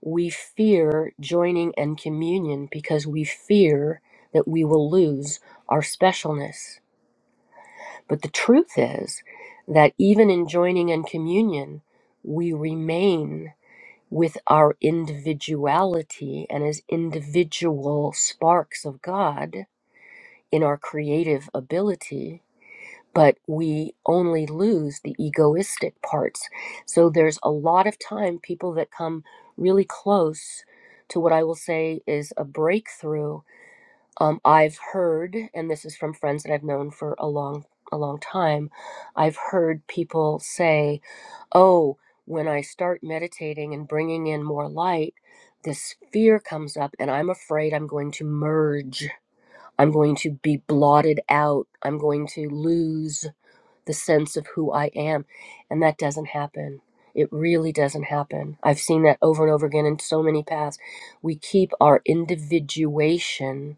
We fear joining in communion because we fear that we will lose our specialness. But the truth is that even in joining in communion, we remain with our individuality and as individual sparks of God in our creative ability but we only lose the egoistic parts. So there's a lot of time people that come really close to what I will say is a breakthrough. Um, I've heard, and this is from friends that I've known for a long, a long time. I've heard people say, "Oh, when I start meditating and bringing in more light." This fear comes up, and I'm afraid I'm going to merge. I'm going to be blotted out. I'm going to lose the sense of who I am. And that doesn't happen. It really doesn't happen. I've seen that over and over again in so many paths. We keep our individuation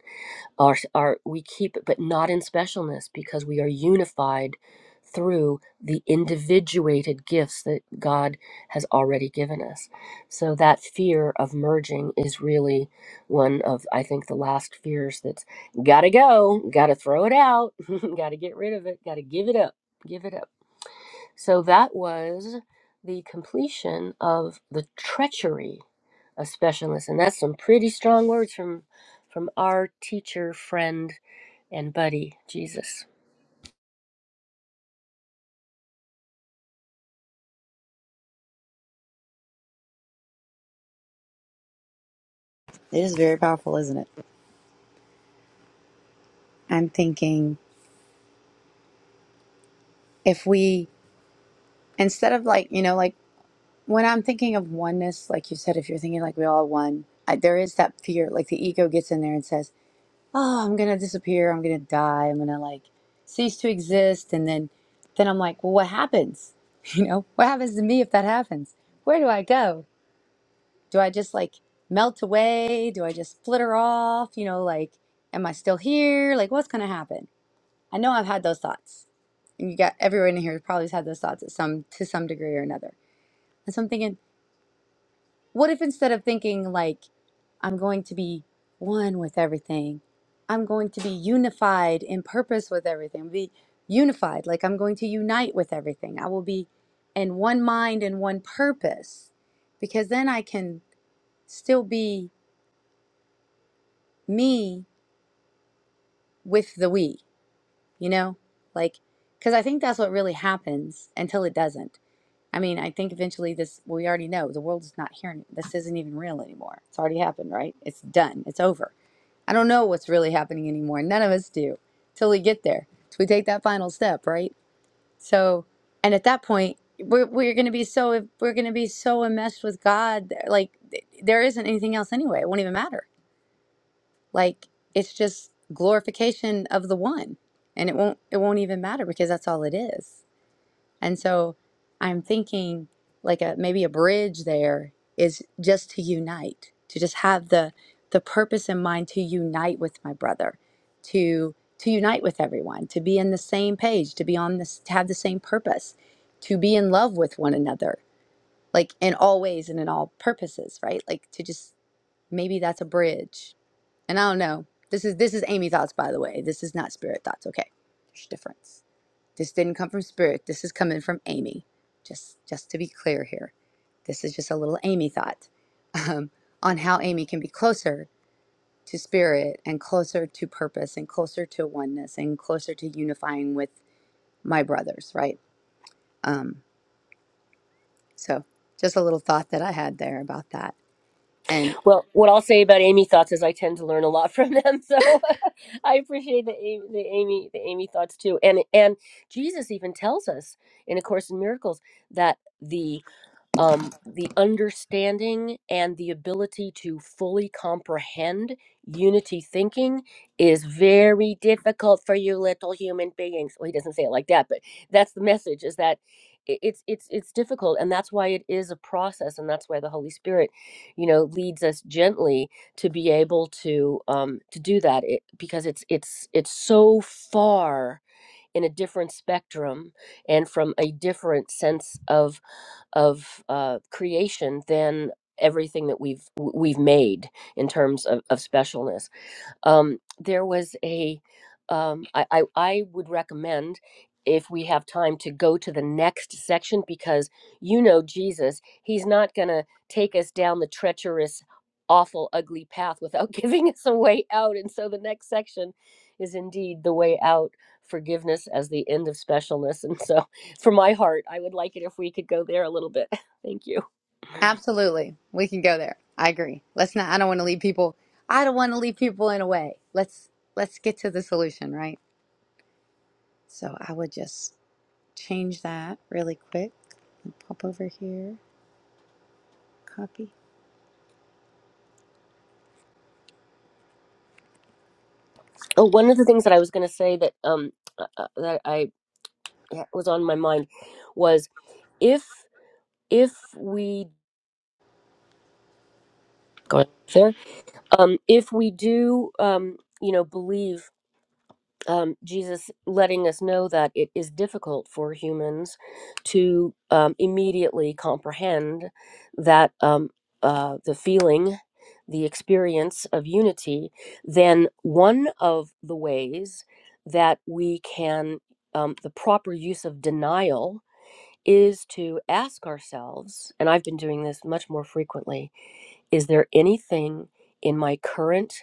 our, our we keep it but not in specialness because we are unified through the individuated gifts that god has already given us so that fear of merging is really one of i think the last fears that's gotta go gotta throw it out gotta get rid of it gotta give it up give it up so that was the completion of the treachery a specialist and that's some pretty strong words from from our teacher friend and buddy jesus It is very powerful, isn't it? I'm thinking if we, instead of like, you know, like When I'm thinking of oneness, like you said, if you're thinking like we all one, I, there is that fear. Like the ego gets in there and says, "Oh, I'm gonna disappear. I'm gonna die. I'm gonna like cease to exist." And then, then I'm like, "Well, what happens? You know, what happens to me if that happens? Where do I go? Do I just like melt away? Do I just flitter off? You know, like, am I still here? Like, what's gonna happen?" I know I've had those thoughts, and you got everyone in here probably has had those thoughts at some to some degree or another. And so I'm thinking. What if instead of thinking like, I'm going to be one with everything, I'm going to be unified in purpose with everything, be unified, like I'm going to unite with everything. I will be in one mind and one purpose because then I can still be me with the we, you know? Like, because I think that's what really happens until it doesn't. I mean, I think eventually this, we already know the world is not here. This isn't even real anymore. It's already happened, right? It's done. It's over I don't know what's really happening anymore. None of us do till we get there. So we take that final step, right? So, and at that point, we're we're gonna be so we're gonna be so enmeshed with God. that, Like th- there isn't anything else anyway. It won't even matter. Like it's just glorification of the one, and it won't it won't even matter because that's all it is. And so I'm thinking like a maybe a bridge there is just to unite, to just have the the purpose in mind to unite with my brother, to to unite with everyone, to be in the same page, to be on this to have the same purpose, to be in love with one another, like in all ways and in all purposes, right? Like to just maybe that's a bridge. And I don't know. This is this is Amy thoughts by the way. This is not spirit thoughts, okay? There's a difference. This didn't come from spirit. This is coming from Amy. Just just to be clear here. This is just a little Amy thought um, on how Amy can be closer to spirit and closer to purpose and closer to oneness and closer to unifying with my brothers, right? Um, so just a little thought that I had there about that. And well what i'll say about amy thoughts is i tend to learn a lot from them so i appreciate the, A- the amy the amy thoughts too and and jesus even tells us in a course in miracles that the um, the understanding and the ability to fully comprehend unity thinking is very difficult for you little human beings. Well, he doesn't say it like that, but that's the message: is that i- it's it's it's difficult, and that's why it is a process, and that's why the Holy Spirit, you know, leads us gently to be able to um, to do that, it, because it's it's it's so far in a different spectrum and from a different sense of of uh, creation than everything that we've w- we've made in terms of, of specialness um, there was a um, I, I i would recommend if we have time to go to the next section because you know jesus he's not going to take us down the treacherous awful ugly path without giving us a way out and so the next section is indeed the way out forgiveness as the end of specialness and so for my heart i would like it if we could go there a little bit thank you absolutely, we can go there. I agree. Let's not I don't want to leave people I don't want to leave people in a way. Let's let's get to the solution, right? So I would just change that really quick. Pop over here, copy. oh one of the things that i was going to say that um uh, uh, that i was on my mind was if if we go there um if we do um you know believe um jesus letting us know that it is difficult for humans to um, immediately comprehend that um uh the feeling the experience of unity then one of the ways that we can um, the proper use of denial is to ask ourselves, and I've been doing this much more frequently, is there anything in my current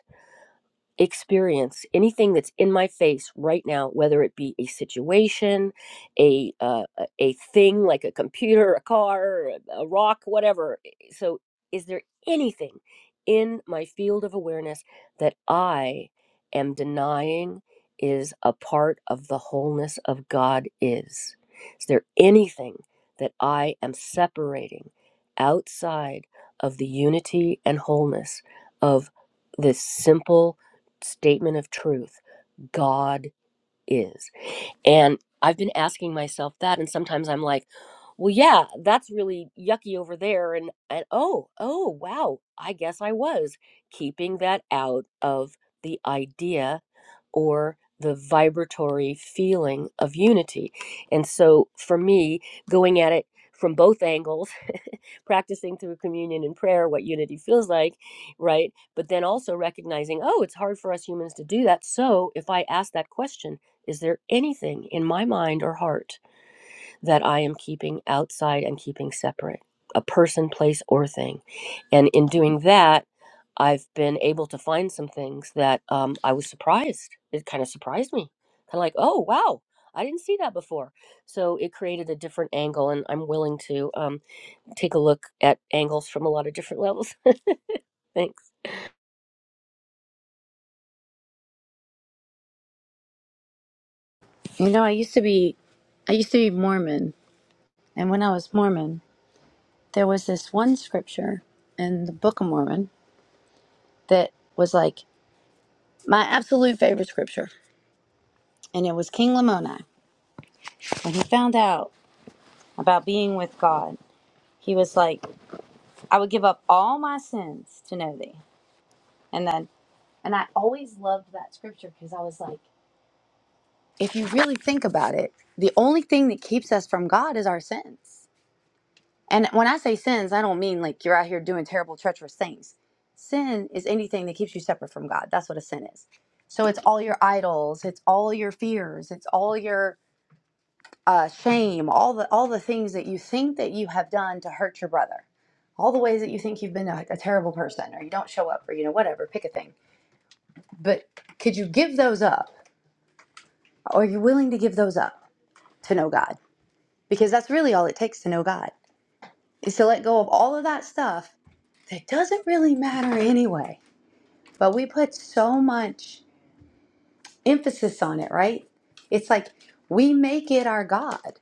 experience anything that's in my face right now whether it be a situation a uh, a a thing like a computer a car a a rock whatever eh, eh, so is there anything in my field of awareness that i am denying is a part of the wholeness of god is is there anything that i am separating outside of the unity and wholeness of this simple statement of truth God is. And I've been asking myself that. And sometimes I'm like, well, yeah, that's really yucky over there. And, and oh, oh, wow, I guess I was keeping that out of the idea or the vibratory feeling of unity. And so for me, going at it from both angles, practicing through communion and prayer what unity feels like, right? But then also recognizing, oh, it's hard for us humans to do that. So if I ask that question, is there anything in my mind or heart that I am keeping outside and keeping separate? A person, place, or thing. And in doing that, I've been able to find some things that um, I was surprised. It kind of surprised me. Kind of like, oh, wow, I didn't see that before. So it created a different angle, and I'm willing to um, take a look at angles from a lot of different levels. Thanks. You know, I used to be, I used to be Mormon, and when I was Mormon, there was this one scripture in the Book of Mormon that was like my absolute favorite scripture, and it was King Lamoni when he found out about being with God. He was like, "I would give up all my sins to know Thee," and then, and I always loved that scripture because I was like, if you really think about it, the only thing that keeps us from God is our sins And when I say sins, I don't mean like you're out here doing terrible, treacherous things. Sin is anything that keeps you separate from God. That's what a sin is. So it's all your idols, it's all your fears, it's all your uh, shame, all the all the things that you think that you have done to hurt your brother, all the ways that you think you've been a, a terrible person or you don't show up or you know whatever. Pick a thing. But could you give those up? Are you willing to give those up to know God? Because that's really all it takes to know God. is to let go of all of that stuff that doesn't really matter anyway. But we put so much emphasis on it, right? It's like we make it our God.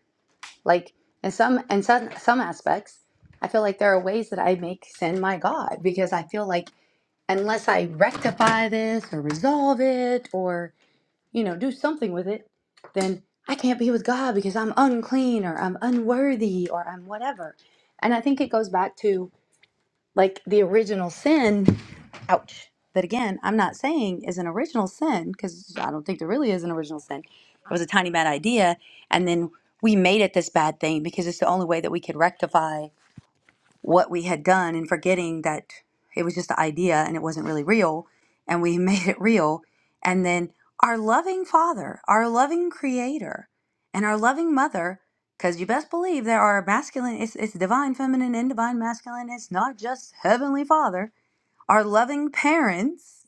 Like and some and some some aspects, I feel like there are ways that I make sin my God because I feel like unless I rectify this or resolve it or, you know, do something with it, then I can't be with God because I'm unclean or I'm unworthy or I'm whatever. And I think it goes back to like the original sin ouch that again i'm not saying is an original sin because i don't think there really is an original sin it was a tiny bad idea and then we made it this bad thing because it's the only way that we could rectify what we had done and forgetting that it was just the idea and it wasn't really real and we made it real and then our loving father our loving creator and our loving mother because you best believe there are masculine it's, it's divine feminine and divine masculine it's not just heavenly father our loving parents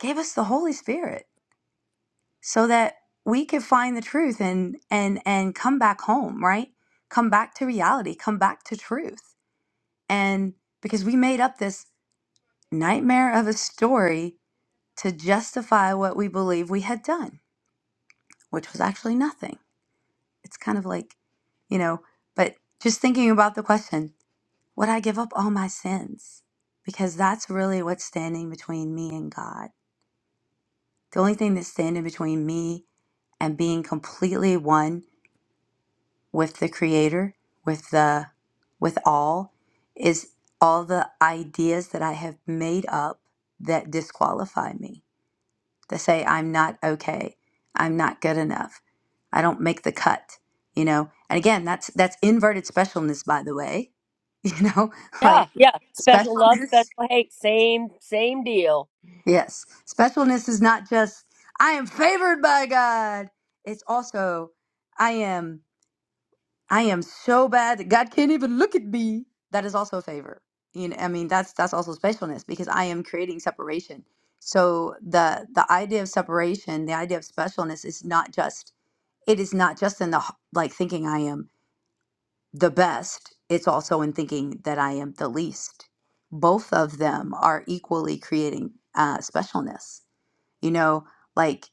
gave us the holy spirit so that we could find the truth and and and come back home right come back to reality come back to truth and because we made up this nightmare of a story to justify what we believe we had done, which was actually nothing. It's kind of like, you know, but just thinking about the question, would I give up all my sins? Because that's really what's standing between me and God. The only thing that's standing between me and being completely one with the creator with the with all is all the ideas that i have made up that disqualify me that say i'm not okay i'm not good enough i don't make the cut you know and again that's that's inverted specialness by the way you know Yeah, like yeah. Special love, specialness special hate, same, same deal. yes specialness is not just i am favored by god it's also i am I am so bad. God can't even look at me. That is also a favor. You know, I mean, that's that's also specialness because I am creating separation. So the the idea of separation, the idea of specialness, is not just it is not just in the h- like thinking I am the best. It's also in thinking that I am the least. Both of them are equally creating uh, specialness. You know, like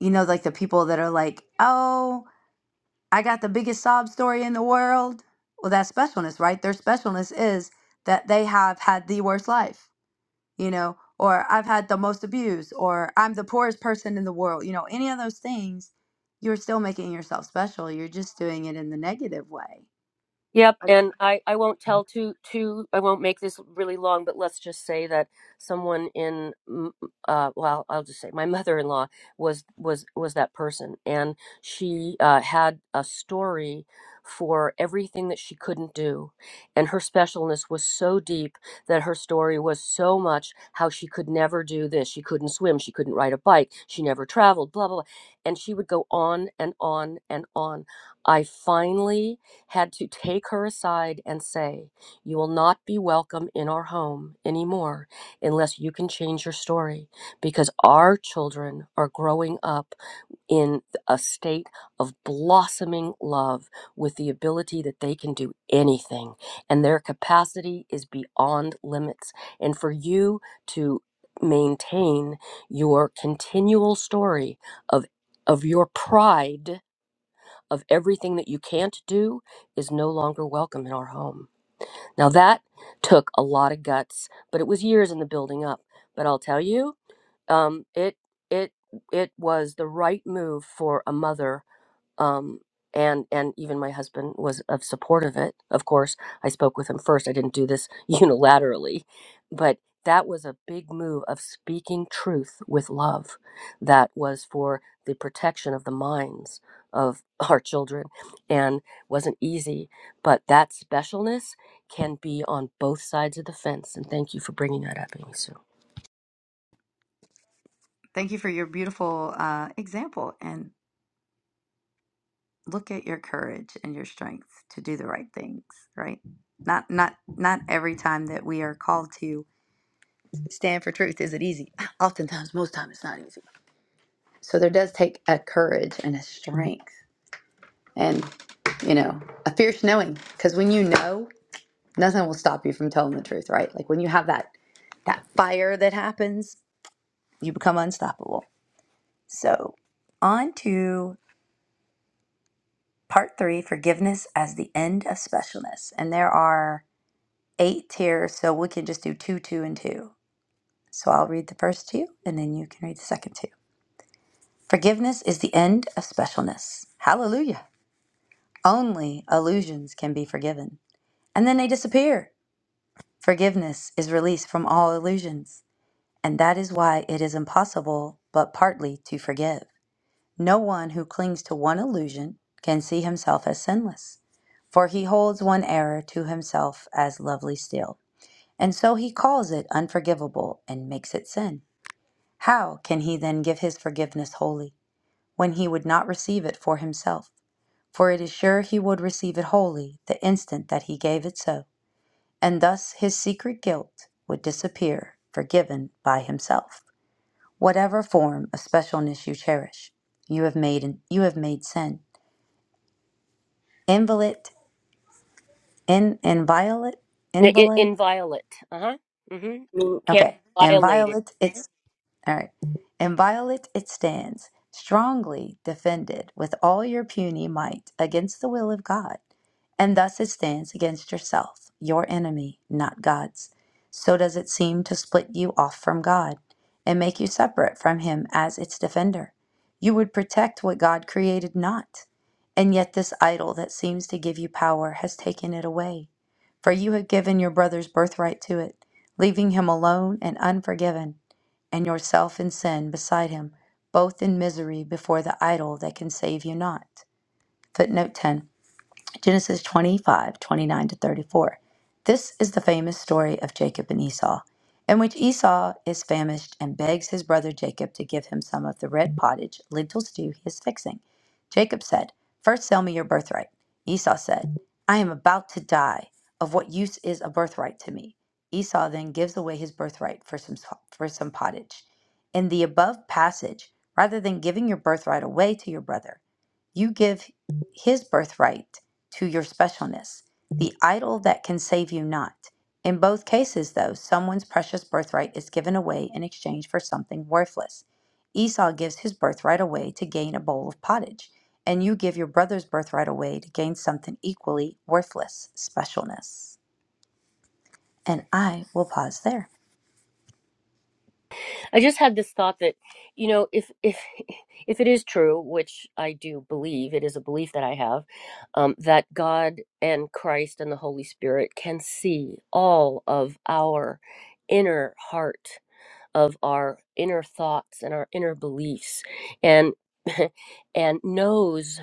you know, like the people that are like, oh, I got the biggest sob story in the world. Well, that's specialness, right? Their specialness is that they have had the worst life, you know, or I've had the most abuse, or I'm the poorest person in the world, you know, any of those things, you're still making yourself special. You're just doing it in the negative way. Yep, But and I, I won't tell too too I won't make this really long, but let's just say that someone in mm, uh well I'll just say my mother-in-law was was was that person, and she uh, had a story for everything that she couldn't do, and her specialness was so deep that her story was so much how she could never do this, she couldn't swim, she couldn't ride a bike, she never traveled, blah blah, blah. and she would go on and on and on. I finally had to take her aside and say, You will not be welcome in our home anymore unless you can change your story because our children are growing up in a state of blossoming love with the ability that they can do anything and their capacity is beyond limits. And for you to maintain your continual story of of your pride of everything that you can't do is no longer welcome in our home. Now, that took a lot of guts, but it was years in the building up. But I'll tell you, um, it, it, it was the right move for a mother um, and and even my husband was of support of it. Of course, I spoke with him first. I didn't do this unilaterally, but that was a big move of speaking truth with love. That was for the protection of the minds of our children, and wasn't easy. But that specialness can be on both sides of the fence. And thank you for bringing that up, Amy Sue. thank you for your beautiful uh, example and look at your courage and your strength to do the right things, right? Not not not every time that we are called to stand for truth is it easy. Oftentimes, most time it's not easy So there does take a courage and a strength and, you know, a fierce knowing. Because when you know, nothing will stop you from telling the truth, right? Like when you have that that fire that happens, you become unstoppable. So on to part three, forgiveness as the end of specialness. And there are eight tiers, so we can just do two, two, and two. So I'll read the first two and then you can read the second two. Forgiveness is the end of specialness. Hallelujah. Only illusions can be forgiven. And then they disappear. Forgiveness is released from all illusions. And that is why it is impossible, but partly, to forgive. No one who clings to one illusion can see himself as sinless, for he holds one error to himself as lovely still. And so he calls it unforgivable and makes it sin. How can he then give his forgiveness wholly, when he would not receive it for himself? For it is sure he would receive it wholly the instant that he gave it so, and thus his secret guilt would disappear, forgiven by himself. Whatever form of specialness you cherish, you have made you have made sin inviolate, in inviolate, N- in- inviolate. inviolate. Uh huh. Mm-hmm. I mean, can't Okay, violate inviolate. it. It's. All right. Inviolate it stands, strongly defended with all your puny might against the will of God. And thus it stands against yourself, your enemy, not God's. So does it seem to split you off from God and make you separate from Him as its defender. You would protect what God created not. And yet, this idol that seems to give you power has taken it away. For you have given your brother's birthright to it, leaving him alone and unforgiven and yourself in sin beside him, both in misery before the idol that can save you not. Footnote 10 Genesis 25 29 to 34. This is the famous story of Jacob and Esau, in which Esau is famished and begs his brother Jacob to give him some of the red pottage, lentil stew he is fixing. Jacob said, "First, sell me your birthright. Esau said, I am about to die. Of what use is a birthright to me? Esau then gives away his birthright for some, for some pottage. In the above passage, rather than giving your birthright away to your brother, you give his birthright to your specialness, the idol that can save you not. In both cases, though, someone's precious birthright is given away in exchange for something worthless. Esau gives his birthright away to gain a bowl of pottage, and you give your brother's birthright away to gain something equally worthless specialness. And I will pause there. I just had this thought that, you know, if if if it is true, which I do believe, it is a belief that I have, um, that God and Christ and the Holy Spirit can see all of our inner heart, of our inner thoughts and our inner beliefs, and and knows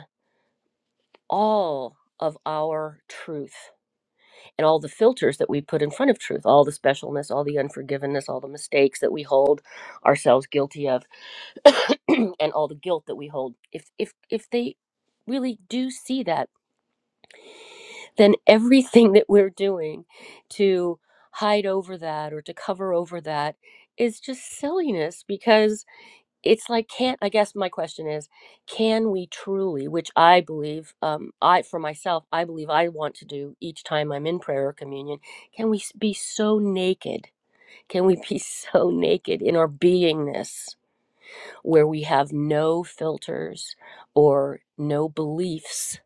all of our truth and all the filters that we put in front of truth, all the specialness, all the unforgiveness, all the mistakes that we hold ourselves guilty of and all the guilt that we hold if if if they really do see that then everything that we're doing to hide over that or to cover over that is just silliness because it's like can't i guess my question is can we truly which i believe um, i for myself i believe i want to do each time i'm in prayer or communion can we s- be so naked can we be so naked in our beingness where we have no filters or no beliefs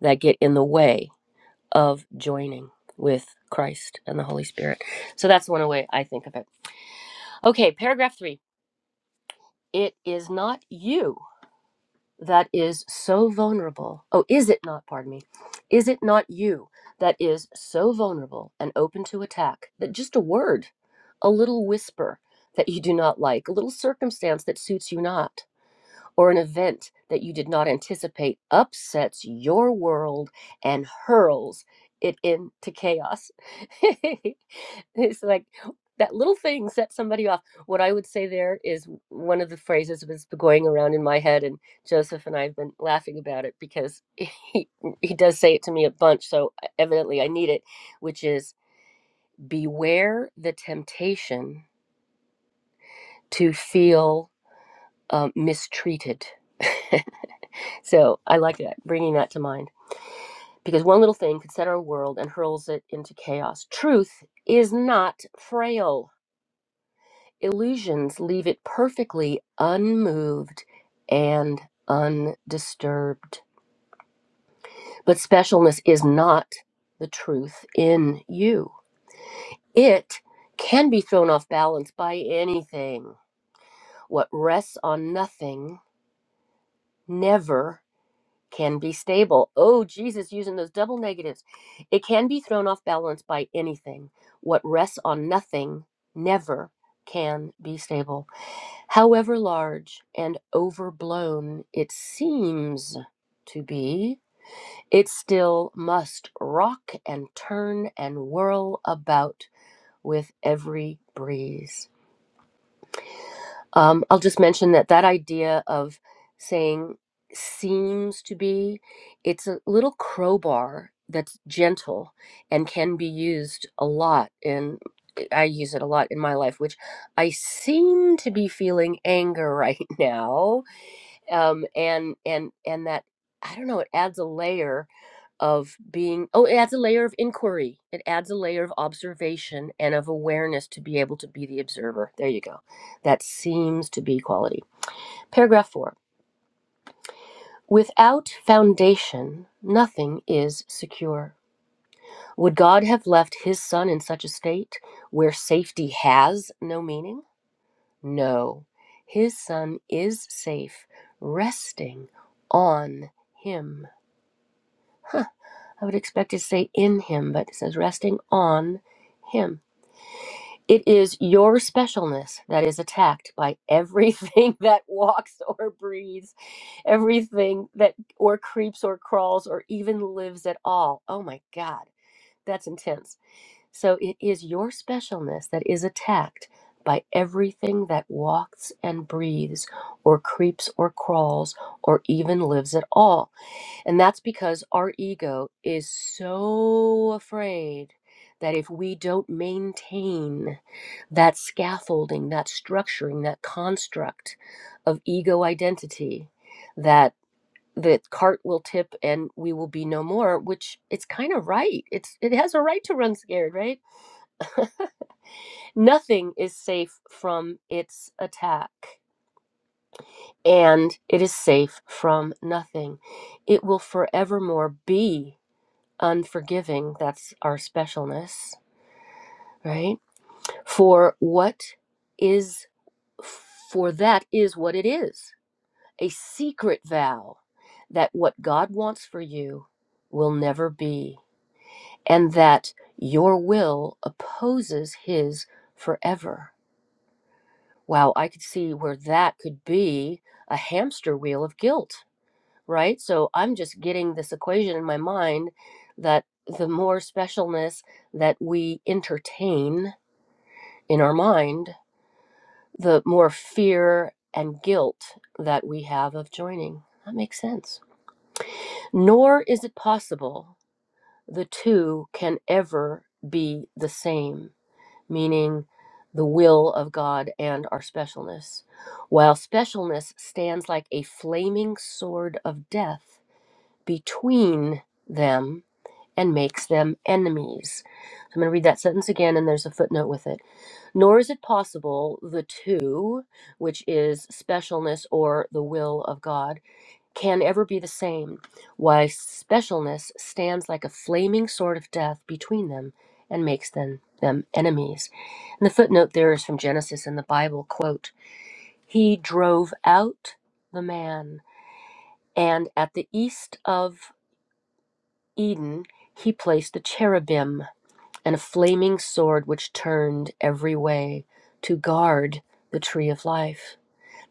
that get in the way of joining with Christ and the Holy Spirit. So that's one way I think of it. Okay, paragraph three. It is not you that is so vulnerable. Oh, is it not, pardon me? Is it not you that is so vulnerable and open to attack that just a word, a little whisper that you do not like, a little circumstance that suits you not? or an event that you did not anticipate upsets your world and hurls it into chaos. it's like that little thing sets somebody off. What I would say there is one of the phrases that's going around in my head, and Joseph and I have been laughing about it because he, he does say it to me a bunch, so e, evidently I need it, which is beware the temptation to feel uh, mistreated. So I like that, bringing that to mind. Because one little thing could set our world and hurls it into chaos. Truth is not frail. Illusions leave it perfectly unmoved and undisturbed. But specialness is not the truth in you. It can be thrown off balance by anything. What rests on nothing never can be stable. Oh, Jesus, using those double negatives. It can be thrown off balance by anything. What rests on nothing never can be stable. However large and overblown it seems to be, it still must rock and turn and whirl about with every breeze. Um, I'll just mention that that idea of saying seems to be, it's a little crowbar that's gentle and can be used a lot And I use it a lot in my life, which I seem to be feeling anger right now um, and and and that I don't know. It adds a layer of being. Oh, it adds a layer of inquiry. It adds a layer of observation and of awareness to be able to be the observer. There you go. That seems to be quality. Paragraph four. Without foundation, nothing is secure. Would God have left his son in such a state where safety has no meaning? No. His son is safe, resting on him. Huh. I would expect it to say in him, but it says resting on him. It is your specialness that is attacked by everything that walks or breathes, everything that or creeps or crawls or even lives at all. Oh my God, that's intense. So it is your specialness that is attacked by everything that walks and breathes or creeps or crawls or even lives at all. And that's because our ego is so afraid that if we don't maintain that scaffolding, that structuring, that construct of ego identity, that the cart will tip and we will be no more, which it's kind of right. It's it has a right to run scared, right? Nothing is safe from its attack. And it is safe from nothing. It will forevermore be unforgiving. That's our specialness, right? For what is, for that is what it is a secret vow that what God wants for you will never be, and that your will opposes His forever. Wow, I could see where that could be a hamster wheel of guilt right? So I'm just getting this equation in my mind that the more specialness that we entertain in our mind, the more fear and guilt that we have of joining. That makes sense. Nor is it possible the two can ever be the same, meaning the will of God and our specialness. While specialness stands like a flaming sword of death between them, and makes them enemies. I'm going to read that sentence again, and there's a footnote with it. Nor is it possible the two, which is specialness or the will of God, can ever be the same. Why specialness stands like a flaming sword of death between them and makes them them enemies. And the footnote there is from Genesis in the Bible quote, He drove out the man, and at the east of Eden he placed the cherubim and a flaming sword which turned every way to guard the tree of life.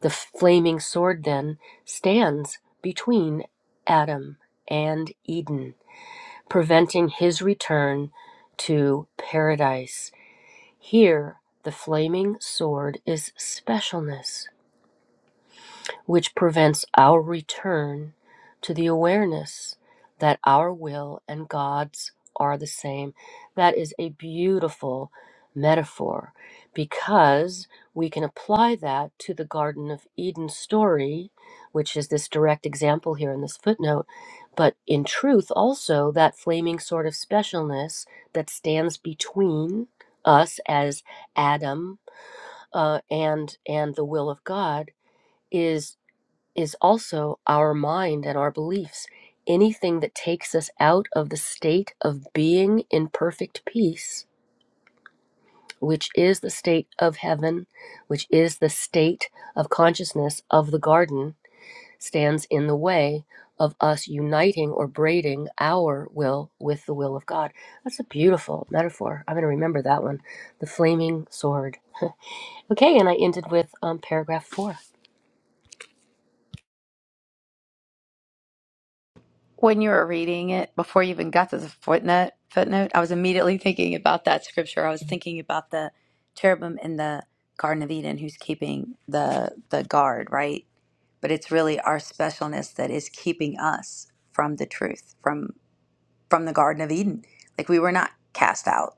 The flaming sword then stands between Adam and Eden, preventing his return to paradise. Here, the flaming sword is specialness which prevents our return to the awareness that our will and God's are the same. That is a beautiful metaphor because we can apply that to the Garden of Eden story, which is this direct example here in this footnote. But in truth, also, that flaming sort of specialness that stands between us as Adam uh, and and the will of God is is also our mind and our beliefs. Anything that takes us out of the state of being in perfect peace, which is the state of heaven, which is the state of consciousness of the garden, stands in the way of us uniting or braiding our will with the will of God. That's a beautiful metaphor. I'm going to remember that one the flaming sword. Okay, and I ended with um, paragraph four. When you were reading it, before you even got to the footnote, footnote, I was immediately thinking about that scripture. I was thinking about the cherubim in the Garden of Eden who's keeping the the guard, right? But it's really our specialness that is keeping us from the truth, from from the Garden of Eden. Like we were not cast out.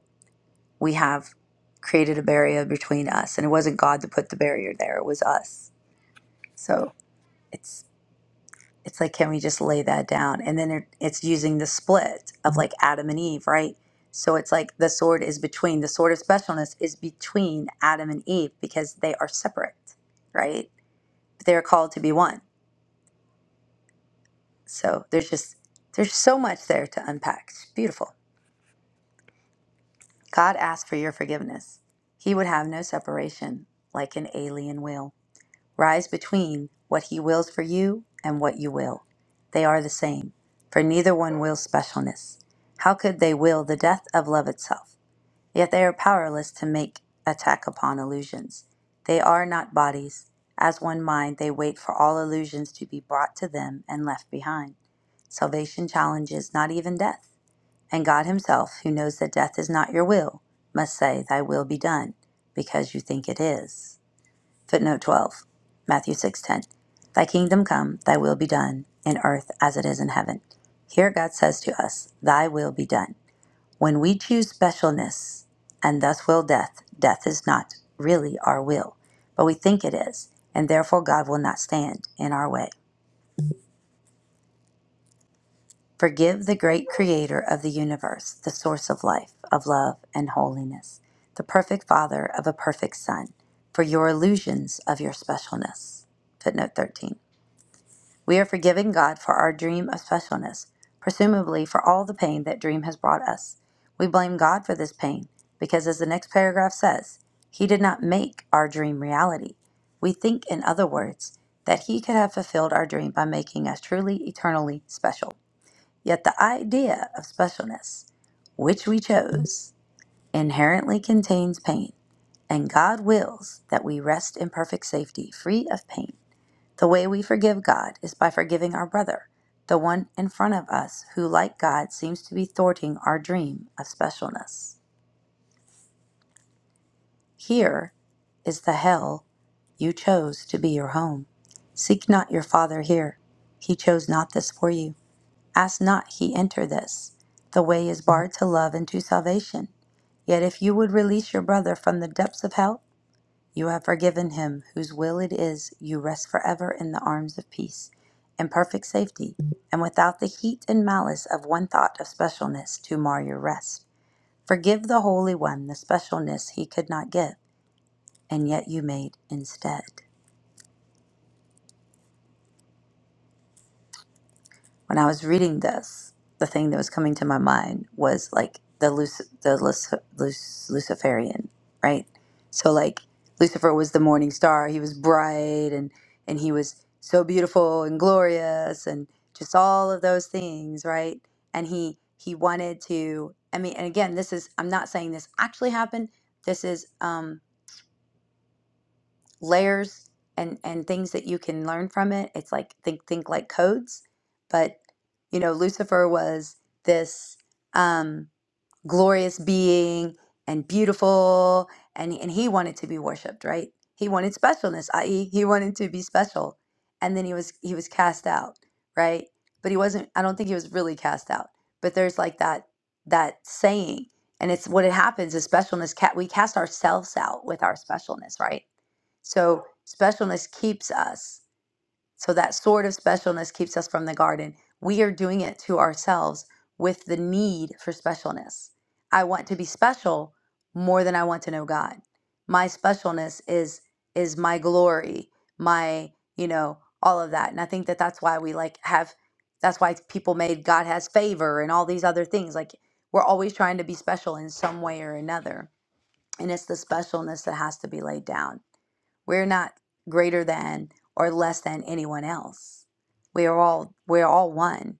We have created a barrier between us, and it wasn't God that put the barrier there; it was us. So it's it's like can we just lay that down and then it, it's using the split of like adam and eve right so it's like the sword is between the sword of specialness is between adam and eve because they are separate right but they are called to be one so there's just there's so much there to unpack it's beautiful god asked for your forgiveness he would have no separation like an alien will Rise between what he wills for you and what you will. They are the same, for neither one wills specialness. How could they will the death of love itself? Yet they are powerless to make attack upon illusions. They are not bodies. As one mind, they wait for all illusions to be brought to them and left behind. Salvation challenges not even death. And God Himself, who knows that death is not your will, must say, Thy will be done, because you think it is. Footnote 12, Matthew 6:10. Thy kingdom come, thy will be done in earth as it is in heaven. Here God says to us, thy will be done. When we choose specialness and thus will death, death is not really our will, but we think it is, and therefore God will not stand in our way. Forgive the great creator of the universe, the source of life, of love and holiness, the perfect father of a perfect son, for your illusions of your specialness. Footnote 13. We are forgiving God for our dream of specialness, presumably for all the pain that dream has brought us. We blame God for this pain because, as the next paragraph says, He did not make our dream reality. We think, in other words, that He could have fulfilled our dream by making us truly, eternally special. Yet the idea of specialness, which we chose, inherently contains pain, and God wills that we rest in perfect safety, free of pain. The way we forgive God is by forgiving our brother, the one in front of us who, like God, seems to be thwarting our dream of specialness. Here is the hell you chose to be your home. Seek not your Father here. He chose not this for you. Ask not he enter this. The way is barred to love and to salvation. Yet if you would release your brother from the depths of hell, You have forgiven him whose will it is you rest forever in the arms of peace, in perfect safety, and without the heat and malice of one thought of specialness to mar your rest. Forgive the Holy One the specialness he could not give, and yet you made instead. when I was reading this, the thing that was coming to my mind was like the Luc- the Luc- Luc- Luciferian, right? So like Lucifer was the morning star. He was bright and and he was so beautiful and glorious and just all of those things, right? And he he wanted to. I mean, and again, this is I'm not saying this actually happened. This is um layers and and things that you can learn from it. It's like think think like codes, but you know Lucifer was this. Um, glorious being and beautiful and and he wanted to be worshiped right he wanted specialness i.e he wanted to be special and then he was he was cast out right but he wasn't i don't think he was really cast out but there's like that that saying and it's what it happens is specialness cat we cast ourselves out with our specialness right so specialness keeps us so that sort of specialness keeps us from the garden. We are doing it to ourselves with the need for specialness. I want to be special more than I want to know God. My specialness is is my glory, my, you know, all of that. And I think that that's why we like have that's why people made God has favor and all these other things. Like we're always trying to be special in some way or another. And it's the specialness that has to be laid down. We're not greater than or less than anyone else. We are all we're all one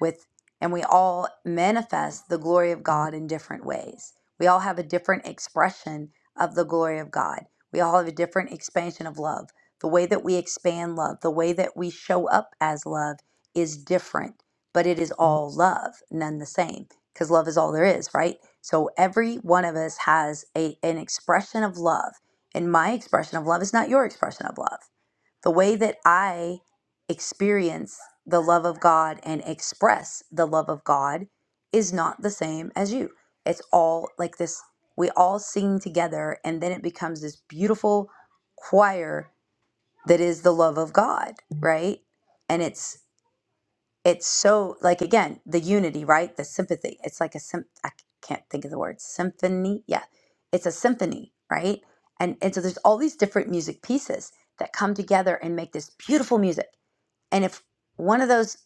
with and we all manifest the glory of God in different ways. We all have a different expression of the glory of God. We all have a different expansion of love. The way that we expand love, the way that we show up as love is different, but it is all love, none the same, because love is all there is, right? So every one of us has a, an expression of love, and my expression of love is not your expression of love the way that I experience the love of God and express the love of God is not the same as you. It's all like this, we all sing together, and then it becomes this beautiful choir that is the love of God, right? And it's it's so like again the unity right the sympathy it's like a sym- I c- can't think of the word symphony yeah it's a symphony right and and so there's all these different music pieces that come together and make this beautiful music and if one of those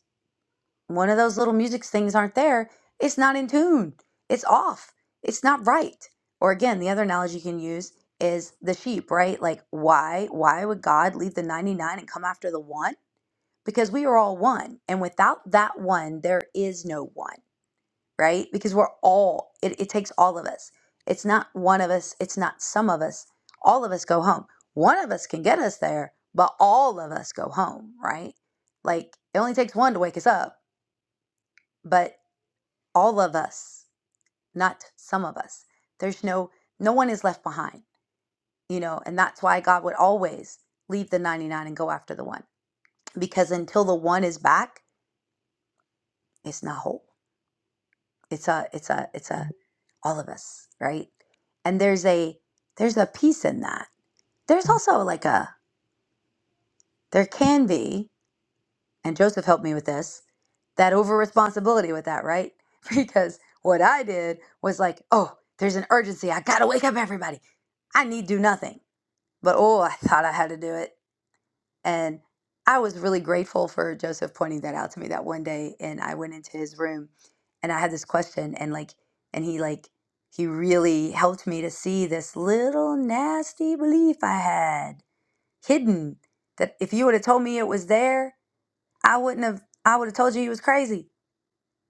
one of those little music things aren't there it's not in tune it's off it's not right or again the other analogy you can use is the sheep right like why why would god leave the 99 and come after the one because we are all one. And without that one, there is no one, right? Because we're all, it, it takes all of us. It's not one of us, it's not some of us. All of us go home. One of us can get us there, but all of us go home, right? Like it only takes one to wake us up, but all of us, not some of us. There's no, no one is left behind, you know, and that's why God would always leave the 99 and go after the one because until the one is back, it's not whole. it's a it's a it's a all of us right and there's a there's a peace in that there's also like a there can be and joseph helped me with this that over responsibility with that right because what i did was like oh there's an urgency i gotta wake up everybody i need do nothing but oh i thought i had to do it And I was really grateful for Joseph pointing that out to me that one day. And I went into his room and I had this question and like, and he like, he really helped me to see this little nasty belief I had hidden that if you would have told me it was there, I wouldn't have, I would have told you he was crazy.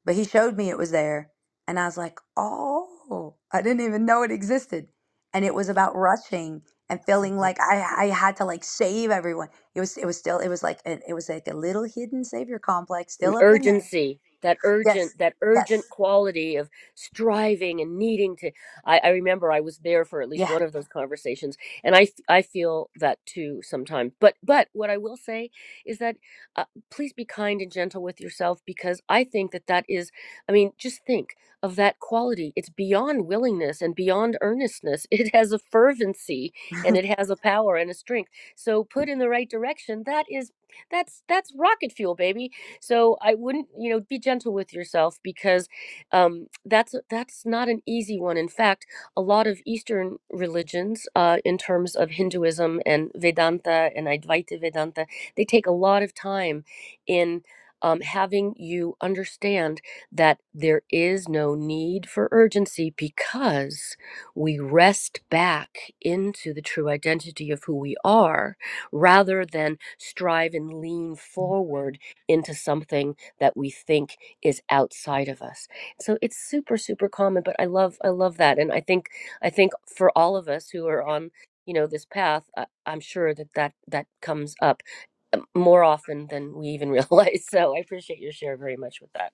But he showed me it was there. And I was like, oh, I didn't even know it existed. And it was about rushing and feeling like I, I had to like save everyone. It was it was still it was like a, it was like a little hidden savior complex an still up in there. urgency that Yes. urgent that urgent Yes. quality of striving and needing to I, I remember i was there for at least Yeah. one of those conversations and i f- i feel that too sometimes but but what i will say is that uh, please be kind and gentle with yourself because i think that that is i mean just think of that quality it's beyond willingness and beyond earnestness it has a fervency and it has a power and a strength so put in the right direction that is that's that's rocket fuel baby so I wouldn't, you know, be gentle with yourself because um, that's that's not an easy one. In fact, a lot of Eastern religions, uh, in terms of Hinduism and Vedanta and Advaita Vedanta, they take a lot of time in um, having you understand that there is no need for urgency because we rest back into the true identity of who we are rather than strive and lean forward into something that we think is outside of us. So it's super super common, but I love I love that and I think I think for all of us who are on you know this path I, i'm sure that, that that comes up um, more often than we even realize so i appreciate your share very much with that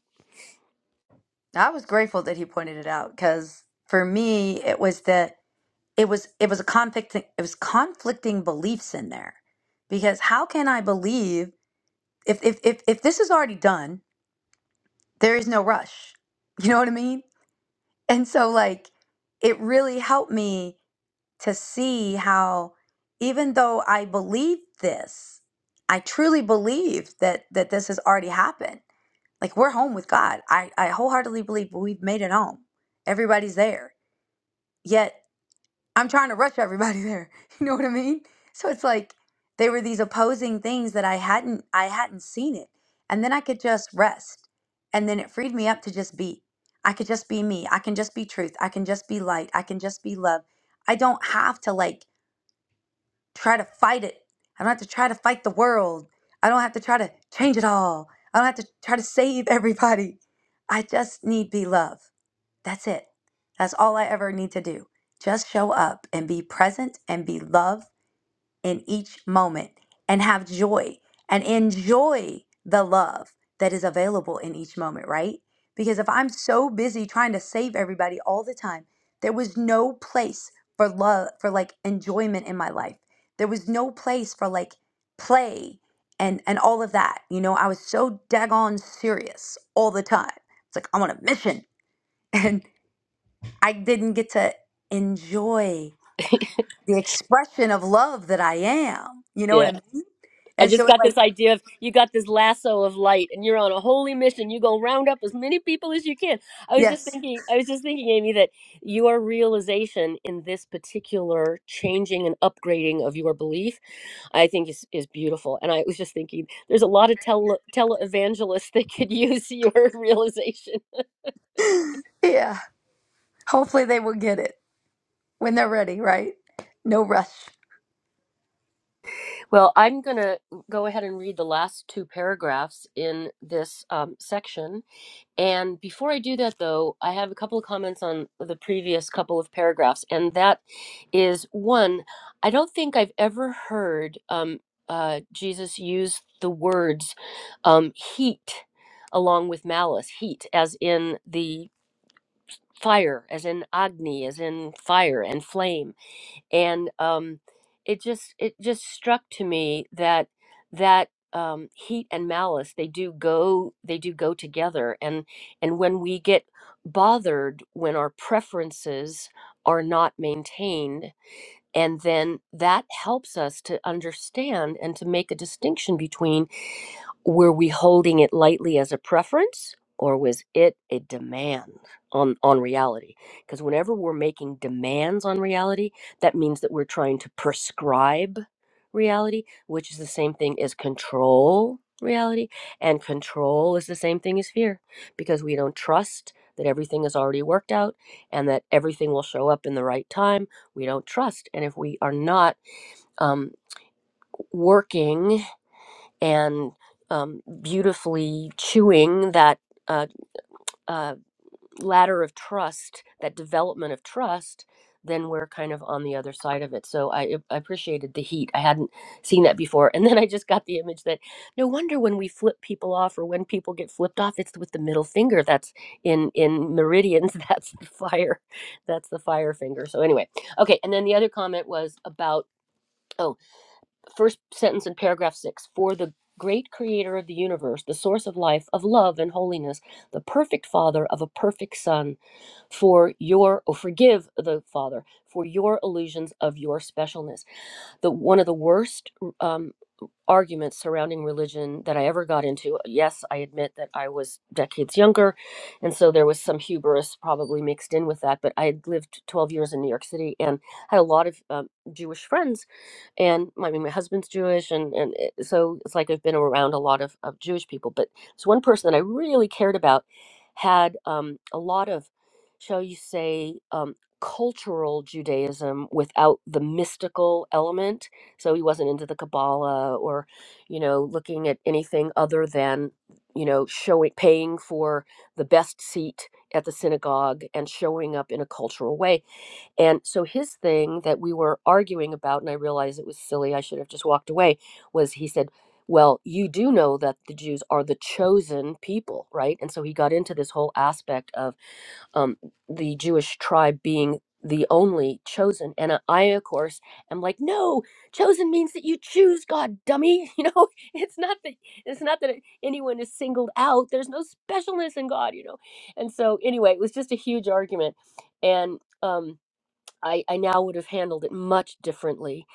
I was grateful that he pointed it out because for me it was the it was it was a conflict it was conflicting beliefs in there because how can I believe if if if, if this is already done there is no rush. You know what I mean? And so, like, it really helped me to see how, even though I believe this, I truly believe that that this has already happened. Like, we're home with God. I I wholeheartedly believe we've made it home. Everybody's there. Yet I'm trying to rush everybody there. You know what I mean? So it's like they were these opposing things that I hadn't I hadn't seen it. And then I could just rest. And then it freed me up to just be. I could just be me. I can just be truth. I can just be light. I can just be love. I don't have to like try to fight it. I don't have to try to fight the world. I don't have to try to change it all. I don't have to try to save everybody. I just need be love. That's it. That's all I ever need to do. Just show up and be present and be love in each moment and have joy and enjoy the love that is available in each moment, right? Because if I'm so busy trying to save everybody all the time, there was no place for love, for like enjoyment in my life. There was no place for like play and and all of that. You know, I was so daggone serious all the time. It's like I'm on a mission. and. I didn't get to enjoy the expression of love that I am. You know yeah what I mean? I And just so it got like, this idea of you got this lasso of light and you're on a holy mission. You go round up as many people as you can. I was just yes. thinking, I was just thinking, Amy, that your realization in this particular changing and upgrading of your belief, I think is, is beautiful. And I was just thinking, there's a lot of tele televangelists that could use your realization. Yeah. Hopefully they will get it when they're ready, right? No rush. Well, I'm going to go ahead and read the last two paragraphs in this um, section And before I do that, though, I have a couple of comments on the previous couple of paragraphs. And that is one, I don't think I've ever heard um, uh, Jesus use the words um, heat along with malice, heat, as in the fire, as in Agni, as in fire and flame and um, it just it just struck to me that that um, heat and malice they do go they do go together and and when we get bothered when our preferences are not maintained and then that helps us to understand and to make a distinction between were we holding it lightly as a preference or was it a demand on on reality because whenever we're making demands on reality that means that we're trying to prescribe reality which is the same thing as control reality and control is the same thing as fear because we don't trust that everything is already worked out and that everything will show up in the right time we don't trust and if we are not um, working and um, beautifully chewing that uh, uh, ladder of trust, that development of trust, then we're kind of on the other side of it. So I, ap- I appreciated the heat. I hadn't seen that before. And then I just got the image that no wonder when we flip people off or when people get flipped off, it's with the middle finger. That's in in meridians. That's the fire. That's the fire finger. So anyway, okay. And then the other comment was about. oh first sentence in paragraph six for the great creator of the universe, the source of life, of love and holiness, the perfect father of a perfect son, for your, or forgive the father for your illusions of your specialness. The one of the worst. um, arguments surrounding religion that I ever got into. uh, Yes, I admit that I was decades younger, and so there was some hubris probably mixed in with that. But I had lived 12 years in New York City and had a lot of um, Jewish friends, and my, I mean, my husband's Jewish, and and it, so it's like I've been around a lot of, of Jewish people. But this one person that I really cared about had um, a lot of, shall you say, um, cultural Judaism without the mystical element so he wasn't into the kabbalah or you know looking at anything other than you know showing paying for the best seat at the synagogue and showing up in a cultural way and so his thing that we were arguing about and i realized it was silly i should have just walked away was he said well you do know that the jews are the chosen people right and so he got into this whole aspect of um, the Jewish tribe being the only chosen. And I, I, of course, am like, no, chosen means that you choose God, dummy. You know, it's not that it's not that anyone is singled out. There's no specialness in God, you know. And so, anyway, it was just a huge argument, and um, I, I now would have handled it much differently.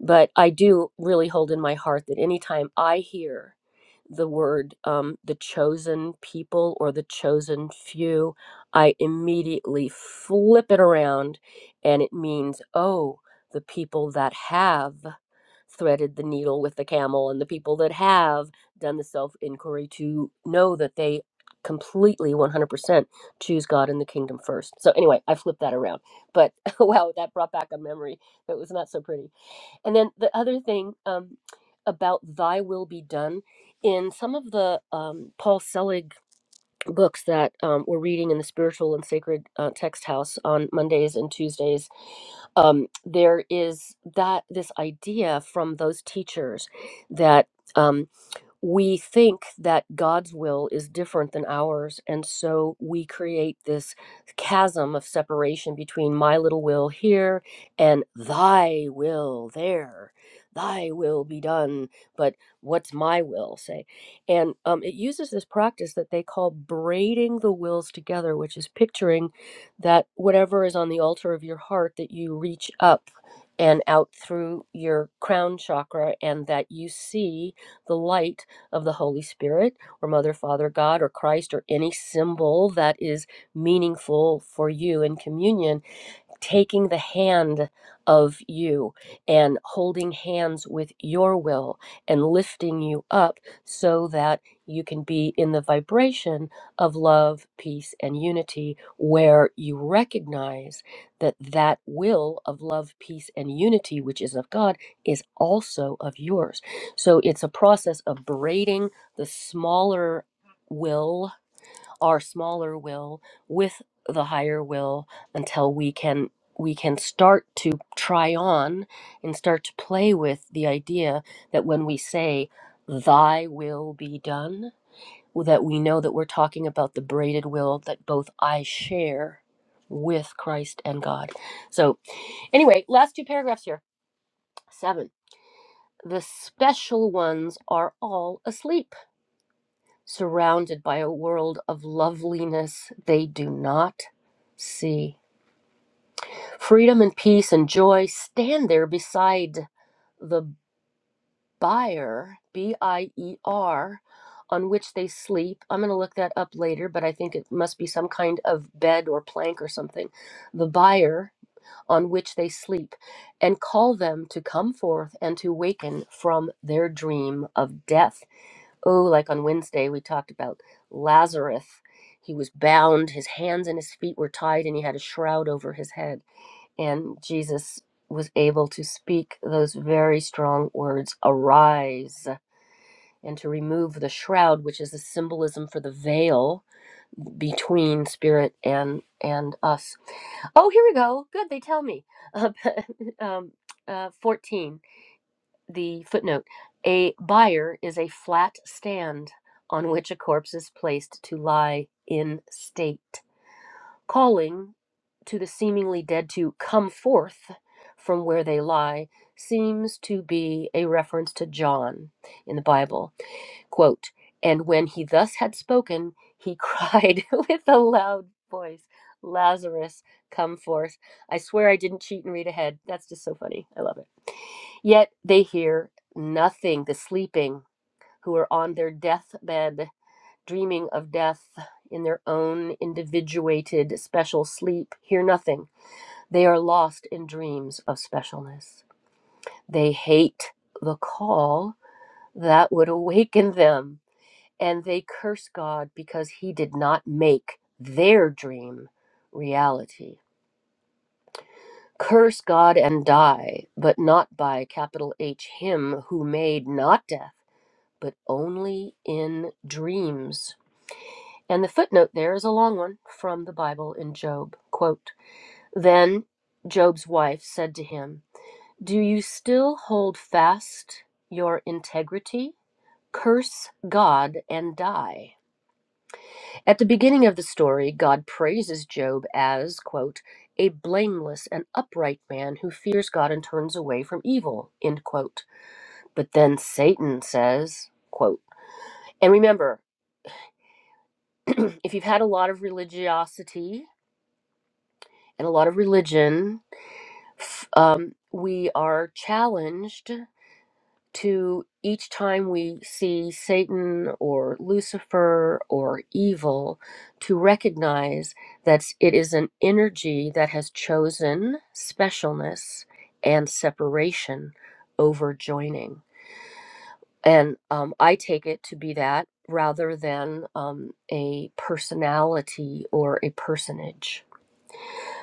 But I do really hold in my heart that anytime I hear the word um, the chosen people or the chosen few, I immediately flip it around and it means, oh, the people that have threaded the needle with the camel and the people that have done the self inquiry to know that they completely 100% choose God and the kingdom first. So anyway, I flipped that around. But wow, that brought back a memory that was not so pretty. And then the other thing um about thy will be done in some of the um Paul Selig books that um, we're reading in the spiritual and sacred uh, text house on Mondays and Tuesdays, um, there is that this idea from those teachers that. Um, we think that God's will is different than ours. And so we create this chasm of separation between my little will here and thy will there. Thy will be done, but what's my will say? And um, it uses this practice that they call braiding the wills together, which is picturing that whatever is on the altar of your heart, that you reach up and out through your crown chakra and that you see the light of the Holy Spirit or Mother, Father, God, or Christ, or any symbol that is meaningful for you in communion taking the hand of you and holding hands with your will and lifting you up so that you can be in the vibration of love, peace, and unity, where you recognize that that will of love, peace, and unity, which is of God, is also of yours. So it's a process of braiding the smaller will our smaller will with the higher will until we can we can start to try on and start to play with the idea that when we say thy will be done that we know that we're talking about the braided will that both I share with Christ and God. So anyway, last two paragraphs here. 7. The special ones are all asleep surrounded by a world of loveliness they do not see. Freedom and peace and joy stand there beside the bier, B I E R, on which they sleep. I'm going to look that up later, but I think it must be some kind of bed or plank or something. The bier on which they sleep, and call them to come forth and to waken from their dream of death oh, like on Wednesday, we talked about Lazarus. He was bound, his hands and his feet were tied, and he had a shroud over his head. And Jesus was able to speak those very strong words, arise, and to remove the shroud, which is a symbolism for the veil between spirit and and us. Oh, here we go. Good, they tell me. um, uh, 14 the footnote a bier is a flat stand on which a corpse is placed to lie in state calling to the seemingly dead to come forth from where they lie seems to be a reference to john in the bible Quote, and when he thus had spoken, he cried with a loud voice, Lazarus, come forth. I swear I didn't cheat and read ahead. That's just so funny. I love it. Yet they hear nothing, the sleeping, who are on their deathbed, dreaming of death in their own individuated special sleep, hear nothing. They are lost in dreams of specialness. They hate the call that would awaken them and they curse God because he did not make their dream reality. Curse God and die, but not by capital H him who made not death, but only in dreams. And the footnote there is a long one from the Bible in Job. Quote Then Job's wife said to him, Do you still hold fast your integrity? Curse God and die. At the beginning of the story, God praises Job as, quote, a blameless and upright man who fears God and turns away from evil, end quote. But then Satan says, quote, and remember, if you've had a lot of religiosity and a lot of religion, f- um, we are challenged to each time we see Satan or Lucifer or evil, to recognize that it is an energy that has chosen specialness and separation over joining. And um, I take it to be that rather than um, a personality or a personage.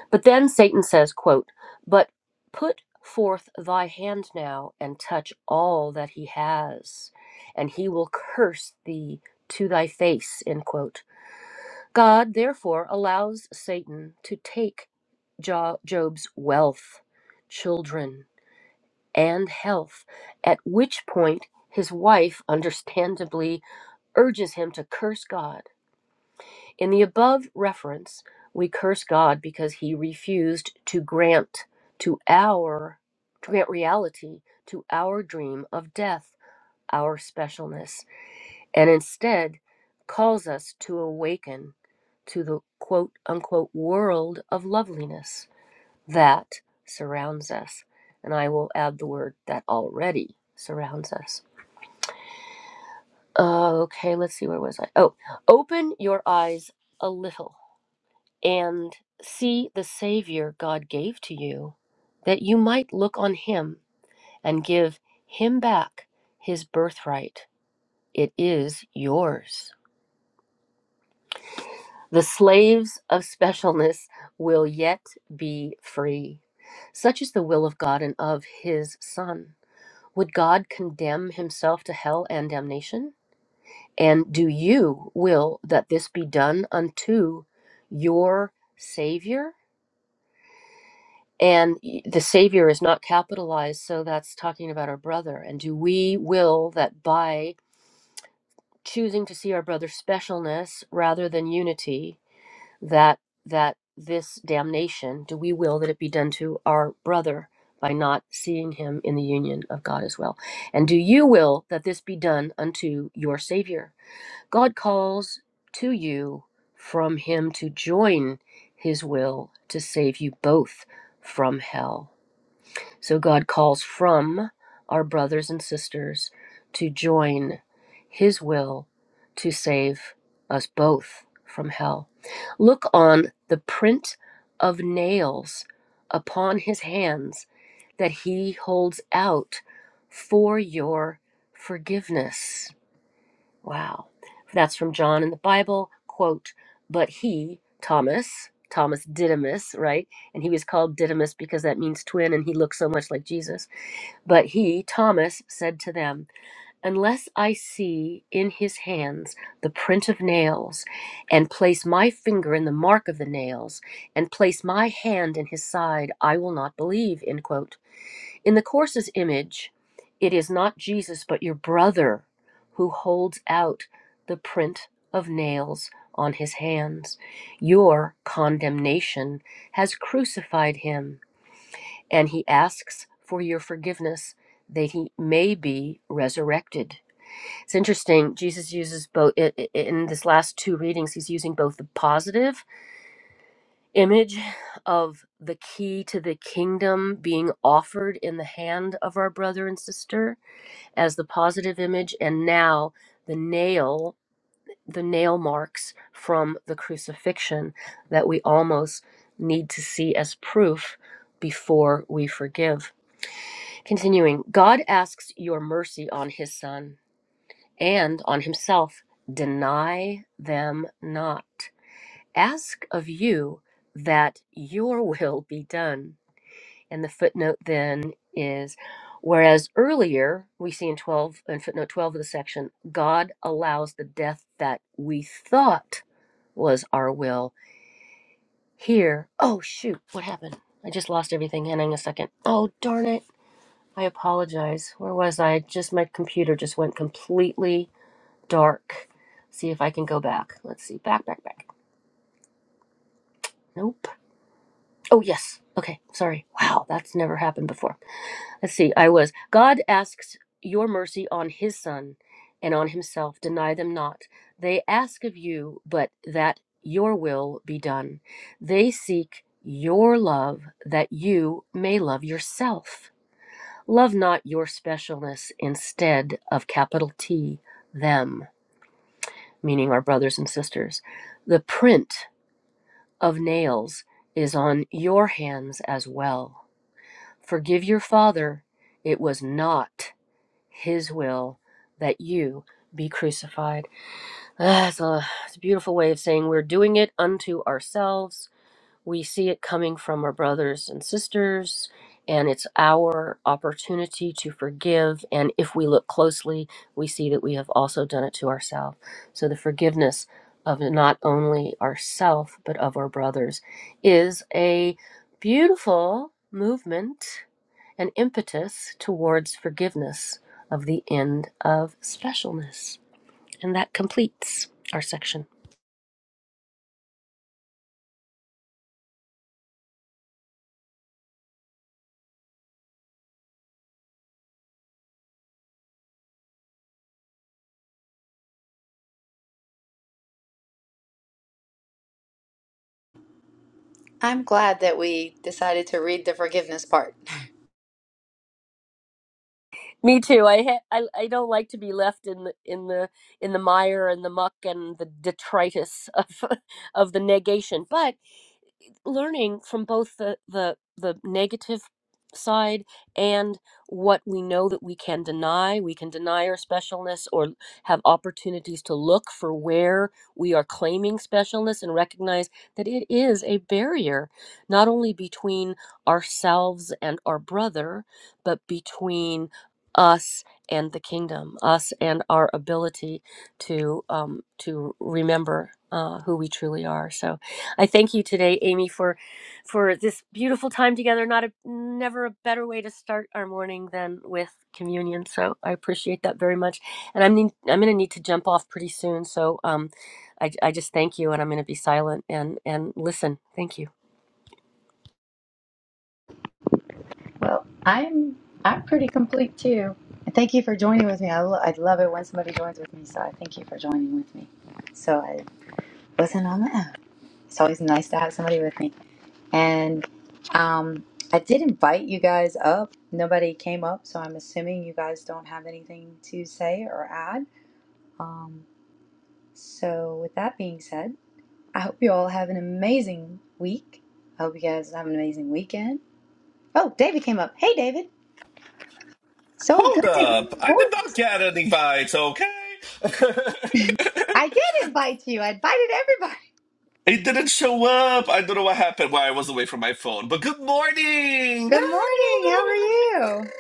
But then Satan says, quote, But put forth thy hand now and touch all that he has, and he will curse thee to thy face, end quote. God therefore allows Satan to take Jo- Job's wealth, children, and health, at which point his wife understandably urges him to curse God. In the above reference, we curse God because he refused to grant to our to grant reality to our dream of death, our specialness, and instead calls us to awaken to the quote unquote world of loveliness that surrounds us. And I will add the word that already surrounds us. Uh, okay, let's see, where was I? Oh, open your eyes a little and see the Savior God gave to you, that you might look on Him and give Him back His birthright. It is yours. The slaves of specialness will yet be free. Such is the will of God and of His Son. Would God condemn Himself to hell and damnation? And do you will that this be done unto your Savior? and y- the savior is not capitalized so that's talking about our brother and do we will that by choosing to see our brother's specialness rather than unity that that this damnation do we will that it be done to our brother by not seeing him in the union of God as well and do you will that this be done unto your savior God calls to you from him to join his will to save you both from hell so God calls from our brothers and sisters to join his will to save us both from hell. Look on the print of nails upon his hands that he holds out for your forgiveness. Wow. That's from John in the Bible. Quote, but he, Thomas, Thomas Didymus, right? And he was called Didymus because that means twin and he looked so much like Jesus. But he, Thomas, said to them, Unless I see in his hands the print of nails, and place my finger in the mark of the nails, and place my hand in his side, I will not believe. End quote. In the Course's image, it is not Jesus, but your brother who holds out the print of nails on his hands. Your condemnation has crucified him, and he asks for your forgiveness that he may be resurrected. It's interesting, Jesus uses both, in this last two readings, he's using both the positive image of the key to the kingdom being offered in the hand of our brother and sister as the positive image and now the nail the nail marks from the crucifixion that we almost need to see as proof before we forgive continuing god asks your mercy on his son and on himself deny them not ask of you that your will be done and the footnote then is whereas earlier we see in 12 and footnote 12 of the section, God allows the death that we thought was our will. Here, oh shoot, what happened? I just lost everything. Hang on a second. Oh, darn it. I apologize. Where was I? Just my computer just went completely dark. See if I can go back. Let's see. Back, back, back. Nope. Oh, yes. Okay. Sorry. Wow. That's never happened before. Let's see, I was. God asks your mercy on his son and on himself. Deny them not. They ask of you, but that your will be done. They seek your love that you may love yourself. Love not your specialness instead of capital T, them, meaning our brothers and sisters. The print of nails is on your hands as well. Forgive your father. It was not his will that you be crucified. Ah, That's a, it's a beautiful way of saying we're doing it unto ourselves we see it coming from our brothers and sisters, and it's our opportunity to forgive. And if we look closely, we see that we have also done it to ourselves. So the forgiveness of not only ourselves but of our brothers is a beautiful movement and impetus towards forgiveness of the end of specialness. And that completes our section. I'm glad that we decided to read the forgiveness part. Me too. I, ha- I I don't like to be left in the in the in the mire and the muck and the detritus of of the negation. But learning from both the the the negative side and what we know that we can deny we can deny our specialness or have opportunities to look for where we are claiming specialness and recognize that it is a barrier not only between ourselves and our brother but between us and the kingdom us and our ability to um, to remember uh, who we truly are so I thank you today, Amy, for for this beautiful time together. Not a never a better way to start our morning than with communion. So I appreciate that very much. And I'm need, I'm going to need to jump off pretty soon. So um, I I just thank you, and I'm going to be silent and and listen. Thank you. Well, I'm I'm pretty complete too. And Thank you for joining with me. I, lo- I love it when somebody joins with me, so I thank you for joining with me. So I wasn't on my own. It's always nice to have somebody with me. And um, I did invite you guys up. Nobody came up, so I'm assuming you guys don't have anything to say or add. Um, so, with that being said, I hope you all have an amazing week. I hope you guys have an amazing weekend. Oh, David came up. Hey, David. So good Hold to hear up. your I did not voice. get any bites. okay? I did invite you. I invited everybody. it didn't show up. I don't know what happened while I was away from my phone. But good morning. Good morning. How are you?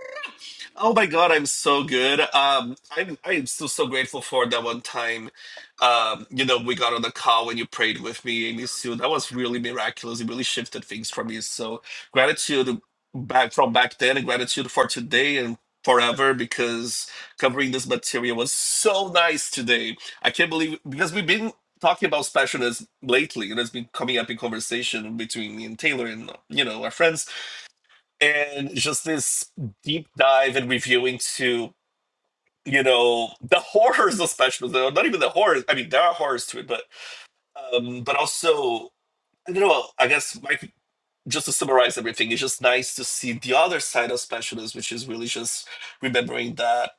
Oh my God, I'm so good. Um, I'm I'm still so grateful for that one time. Um, you know, we got on the call when you prayed with me, Amy Sue. That was really miraculous. It really shifted things for me. So gratitude back from back then, and gratitude for today and forever because covering this material was so nice today. I can't believe because we've been talking about specialness lately, and it's been coming up in conversation between me and Taylor and you know our friends and just this deep dive and reviewing to you know the horrors of special though not even the horrors i mean there are horrors to it but um but also i don't know i guess like just to summarize everything it's just nice to see the other side of specialists which is really just remembering that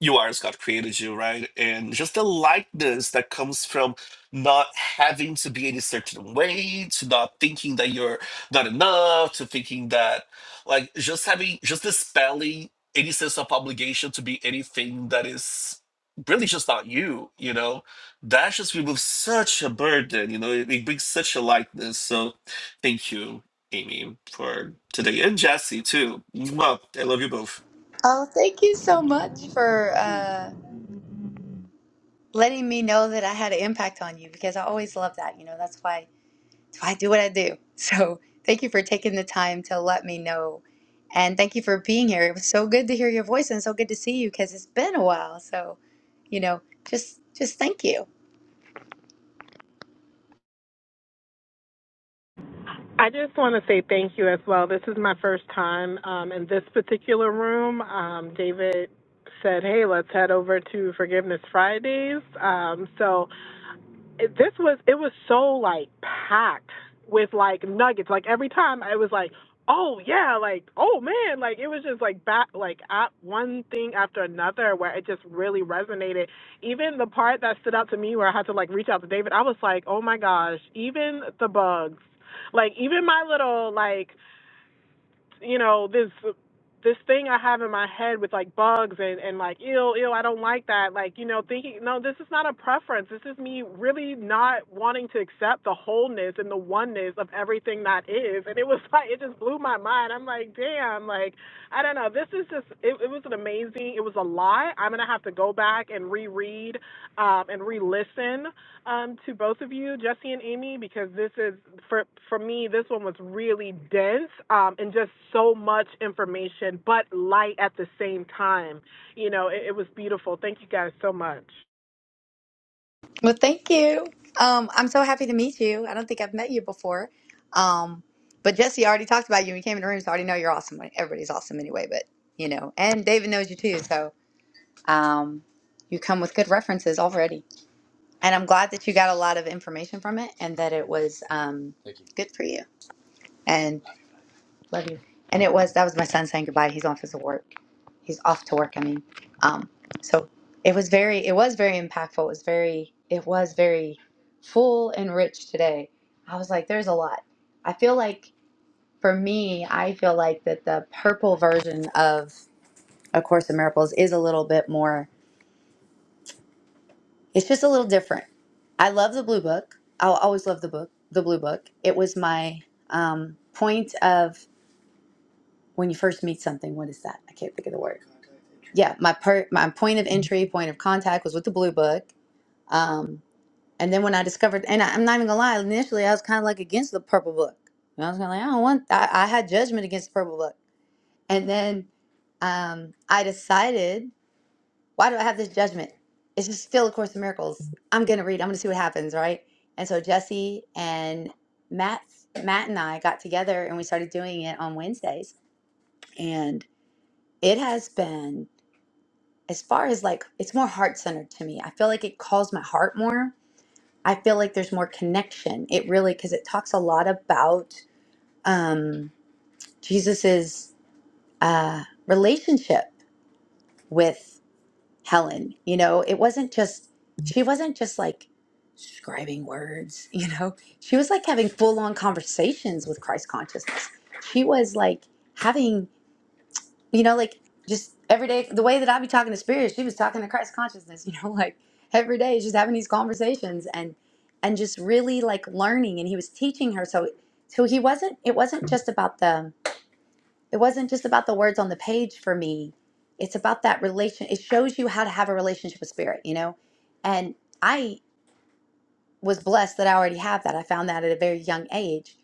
you are as God created you, right? And just the likeness that comes from not having to be any certain way, to not thinking that you're not enough, to thinking that, like, just having, just dispelling any sense of obligation to be anything that is really just not you, you know? That just removes such a burden, you know? It, it brings such a lightness. So thank you, Amy, for today. And Jesse, too. Mwah. I love you both. Oh, thank you so much for uh, letting me know that I had an impact on you because I always love that. You know, that's why I do what I do. So thank you for taking the time to let me know. And thank you for being here. It was so good to hear your voice and so good to see you because it's been a while. So, you know, just just thank you. I just want to say thank you as well. This is my first time um, in this particular room. Um, David said, "Hey, let's head over to Forgiveness Fridays." Um, so this was it was so like packed with like nuggets. Like every time I was like, oh yeah, like oh man, like it was just like back like at one thing after another where it just really resonated. Even the part that stood out to me where I had to like reach out to David, I was like, oh my gosh, even the bugs. Like even my little like you know this this thing I have in my head with like bugs and and like ill ill I don't like that like you know thinking no this is not a preference this is me really not wanting to accept the wholeness and the oneness of everything that is and it was like it just blew my mind I'm like damn like I don't know this is just it, it was an amazing it was a lot I'm gonna have to go back and reread um and re-listen um, to both of you, Jesse and Amy, because this is for for me. This one was really dense, um, and just so much information, but light at the same time. You know, it, it was beautiful. Thank you guys so much. Well, thank you. Um, I'm so happy to meet you. I don't think I've met you before. Um, but Jesse already talked about you. when You came in the room, so I already know you're awesome. Like, Everybody's awesome anyway, but you know, and David knows you too. So um, you come with good references already. And I'm glad that you got a lot of information from it and that it was um, Thank you. good for you Love you. And it was that was my son saying goodbye. He's off his work. He's off to work. I mean, um, so it was very it was very impactful. It was very it was very full and rich today. I was like, there's a lot. I feel like for me, I feel like that the purple version of A Course in Miracles is a little bit more. It's just a little different. I love the blue book. I'll always love the book. The blue book. It was my um, point of when you first meet something. What is that? I can't think of the word yeah, my per my point of entry, point of contact was with the blue book. Um, and then when I discovered, and I, I'm not even gonna lie, initially I was kind of like against the purple book. And I was kind of like, I don't want. I, I had judgment against the purple book, and then um, I decided, why do I have this judgment? It's just still a Course in Miracles. I'm gonna read. I'm gonna see what happens, right? And so Jesse and Matt, Matt and I got together and we started doing it on Wednesdays, and it has been as far as like it's more heart centered to me. I feel like it calls my heart more. I feel like there's more connection. It really because it talks a lot about um, Jesus's uh, relationship with Helen. You know, it wasn't just she wasn't just like scribing words. You know, she was like having full on conversations with Christ consciousness. She was like having you know, like just every day, the way that I be talking to spirit, she was talking to Christ consciousness, you know, like every day, she's having these conversations and and just really like learning. And he was teaching her, so so he wasn't. It wasn't just about the. It wasn't just about the words on the page for me. It's about that relation. It shows you how to have a relationship with spirit, you know, and I was blessed that I already have that. I found that at a very young age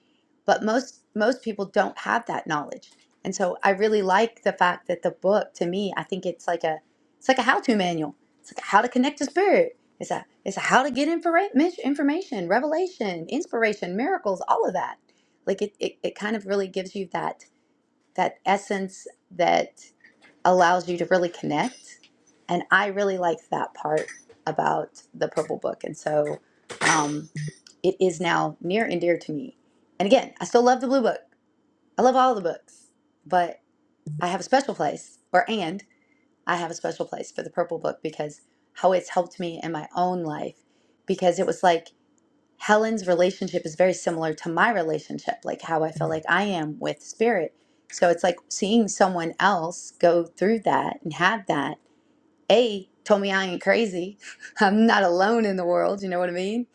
but most most people don't have that knowledge and so i really like the fact that the book to me i think it's like a it's like a how-to manual it's like how to connect to spirit it's a it's a how to get infora- mis- information revelation inspiration miracles all of that like it, it it kind of really gives you that that essence that allows you to really connect and i really like that part about the purple book and so um, it is now near and dear to me and again i still love the blue book I love all the books, but I have a special place, or and I have a special place for the Purple Book because how it's helped me in my own life. Because it was like Helen's relationship is very similar to my relationship, like how I feel like I am with spirit. So it's like seeing someone else go through that and have that. A told me I ain't crazy. I'm not alone in the world, you know what I mean?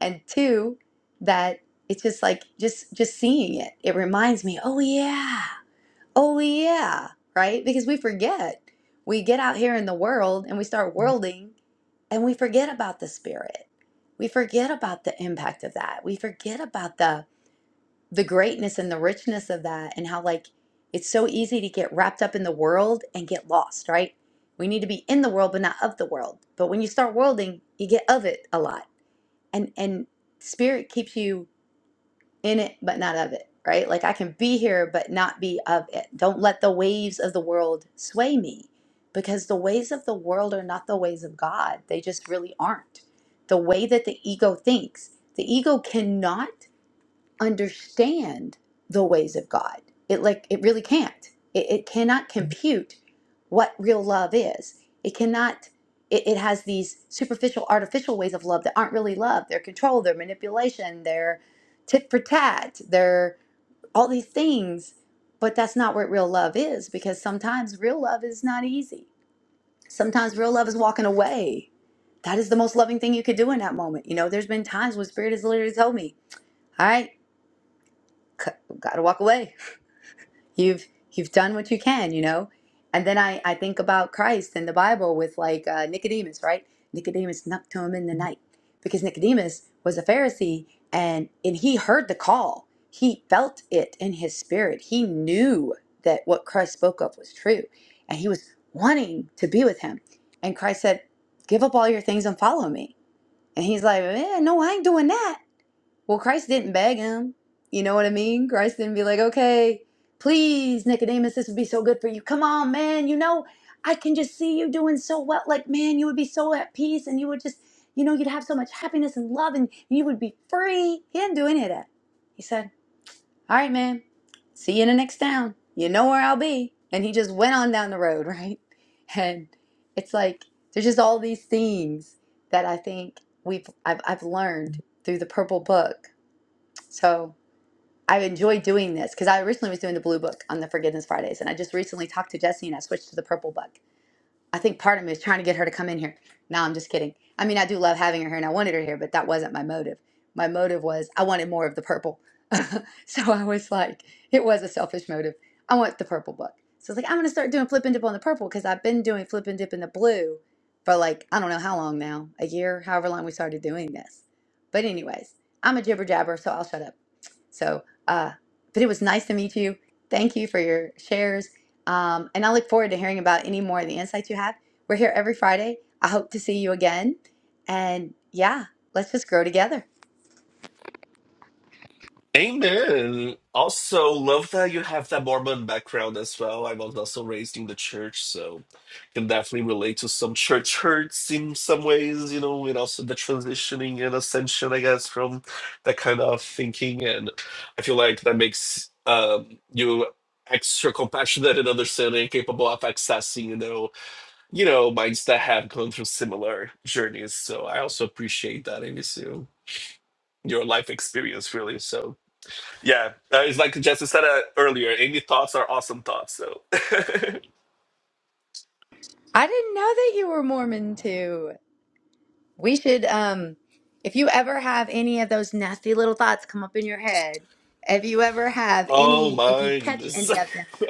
And two, that it's just like just just seeing it. It reminds me, oh yeah, Oh, yeah, right? Because we forget. We get out here in the world and we start worlding and we forget about the spirit. We forget about the impact of that. We forget about the the greatness and the richness of that and how like it's so easy to get wrapped up in the world and get lost, right? We need to be in the world but not of the world. But when you start worlding, you get of it a lot. And and spirit keeps you in it but not of it, right? Like I can be here but not be of it. Don't let the waves of the world sway me because the ways of the world are not the ways of God. They just really aren't. The way that the ego thinks, the ego cannot understand the ways of God. It like it really can't. It, it cannot compute what real love is. It cannot. It, it has these superficial, artificial ways of love that aren't really love. They're control. They're manipulation. They're tit for tat. They're all these things. But that's not what real love is because sometimes real love is not easy. Sometimes real love is walking away. That is the most loving thing you could do in that moment. You know, there's been times when Spirit has literally told me, "All right." got to walk away. You've you've done what you can, you know. And then I I think about Christ and the Bible with like uh, Nicodemus, right? Nicodemus knocked to him in the night because Nicodemus was a Pharisee and and he heard the call. He felt it in his spirit. He knew that what Christ spoke of was true, and he was wanting to be with him. And Christ said, "Give up all your things and follow me." And he's like, eh, "No, I ain't doing that." Well, Christ didn't beg him. You know what I mean? Christ didn't be like, okay, please, Nicodemus, this would be so good for you. Come on, man. You know, I can just see you doing so well. Like, man, you would be so at peace and you would just, you know, you'd have so much happiness and love and you would be free. He didn't do any of that. He said, all right, man, see you in the next town. You know where I'll be. And he just went on down the road, right? And it's like, there's just all these things that I think we've I've, I've learned through the purple book so I enjoy doing this because I originally was doing the blue book on the Forgiveness Fridays, and I just recently talked to Jesse and I switched to the purple book. I think part of me is trying to get her to come in here. No, I'm just kidding. I mean, I do love having her here, and I wanted her here, but that wasn't my motive. My motive was I wanted more of the purple. so I was like, it was a selfish motive. I want the purple book. So I was like, I'm gonna start doing flip and dip on the purple because I've been doing flip and dip in the blue for like I don't know how long now, a year, however long we started doing this. But anyways, I'm a jibber jabber, so I'll shut up. So, uh, but it was nice to meet you. Thank you for your shares. Um, and I look forward to hearing about any more of the insights you have. We're here every Friday. I hope to see you again. And yeah, let's just grow together. Amen. Also, love that you have that Mormon background as well. I was also raised in the church, so can definitely relate to some church hurts in some ways, you know, and also the transitioning and ascension, I guess, from that kind of thinking. And I feel like that makes um, you extra compassionate and understanding, capable of accessing, you know, you know, minds that have gone through similar journeys. So I also appreciate that, Amy so your life experience, really. So yeah, uh, it's like Jessica said uh, earlier. Any thoughts are awesome thoughts. So, I didn't know that you were Mormon too. We should, um, if you ever have any of those nasty little thoughts come up in your head, if you ever have oh any, if you my catch goodness, any of them.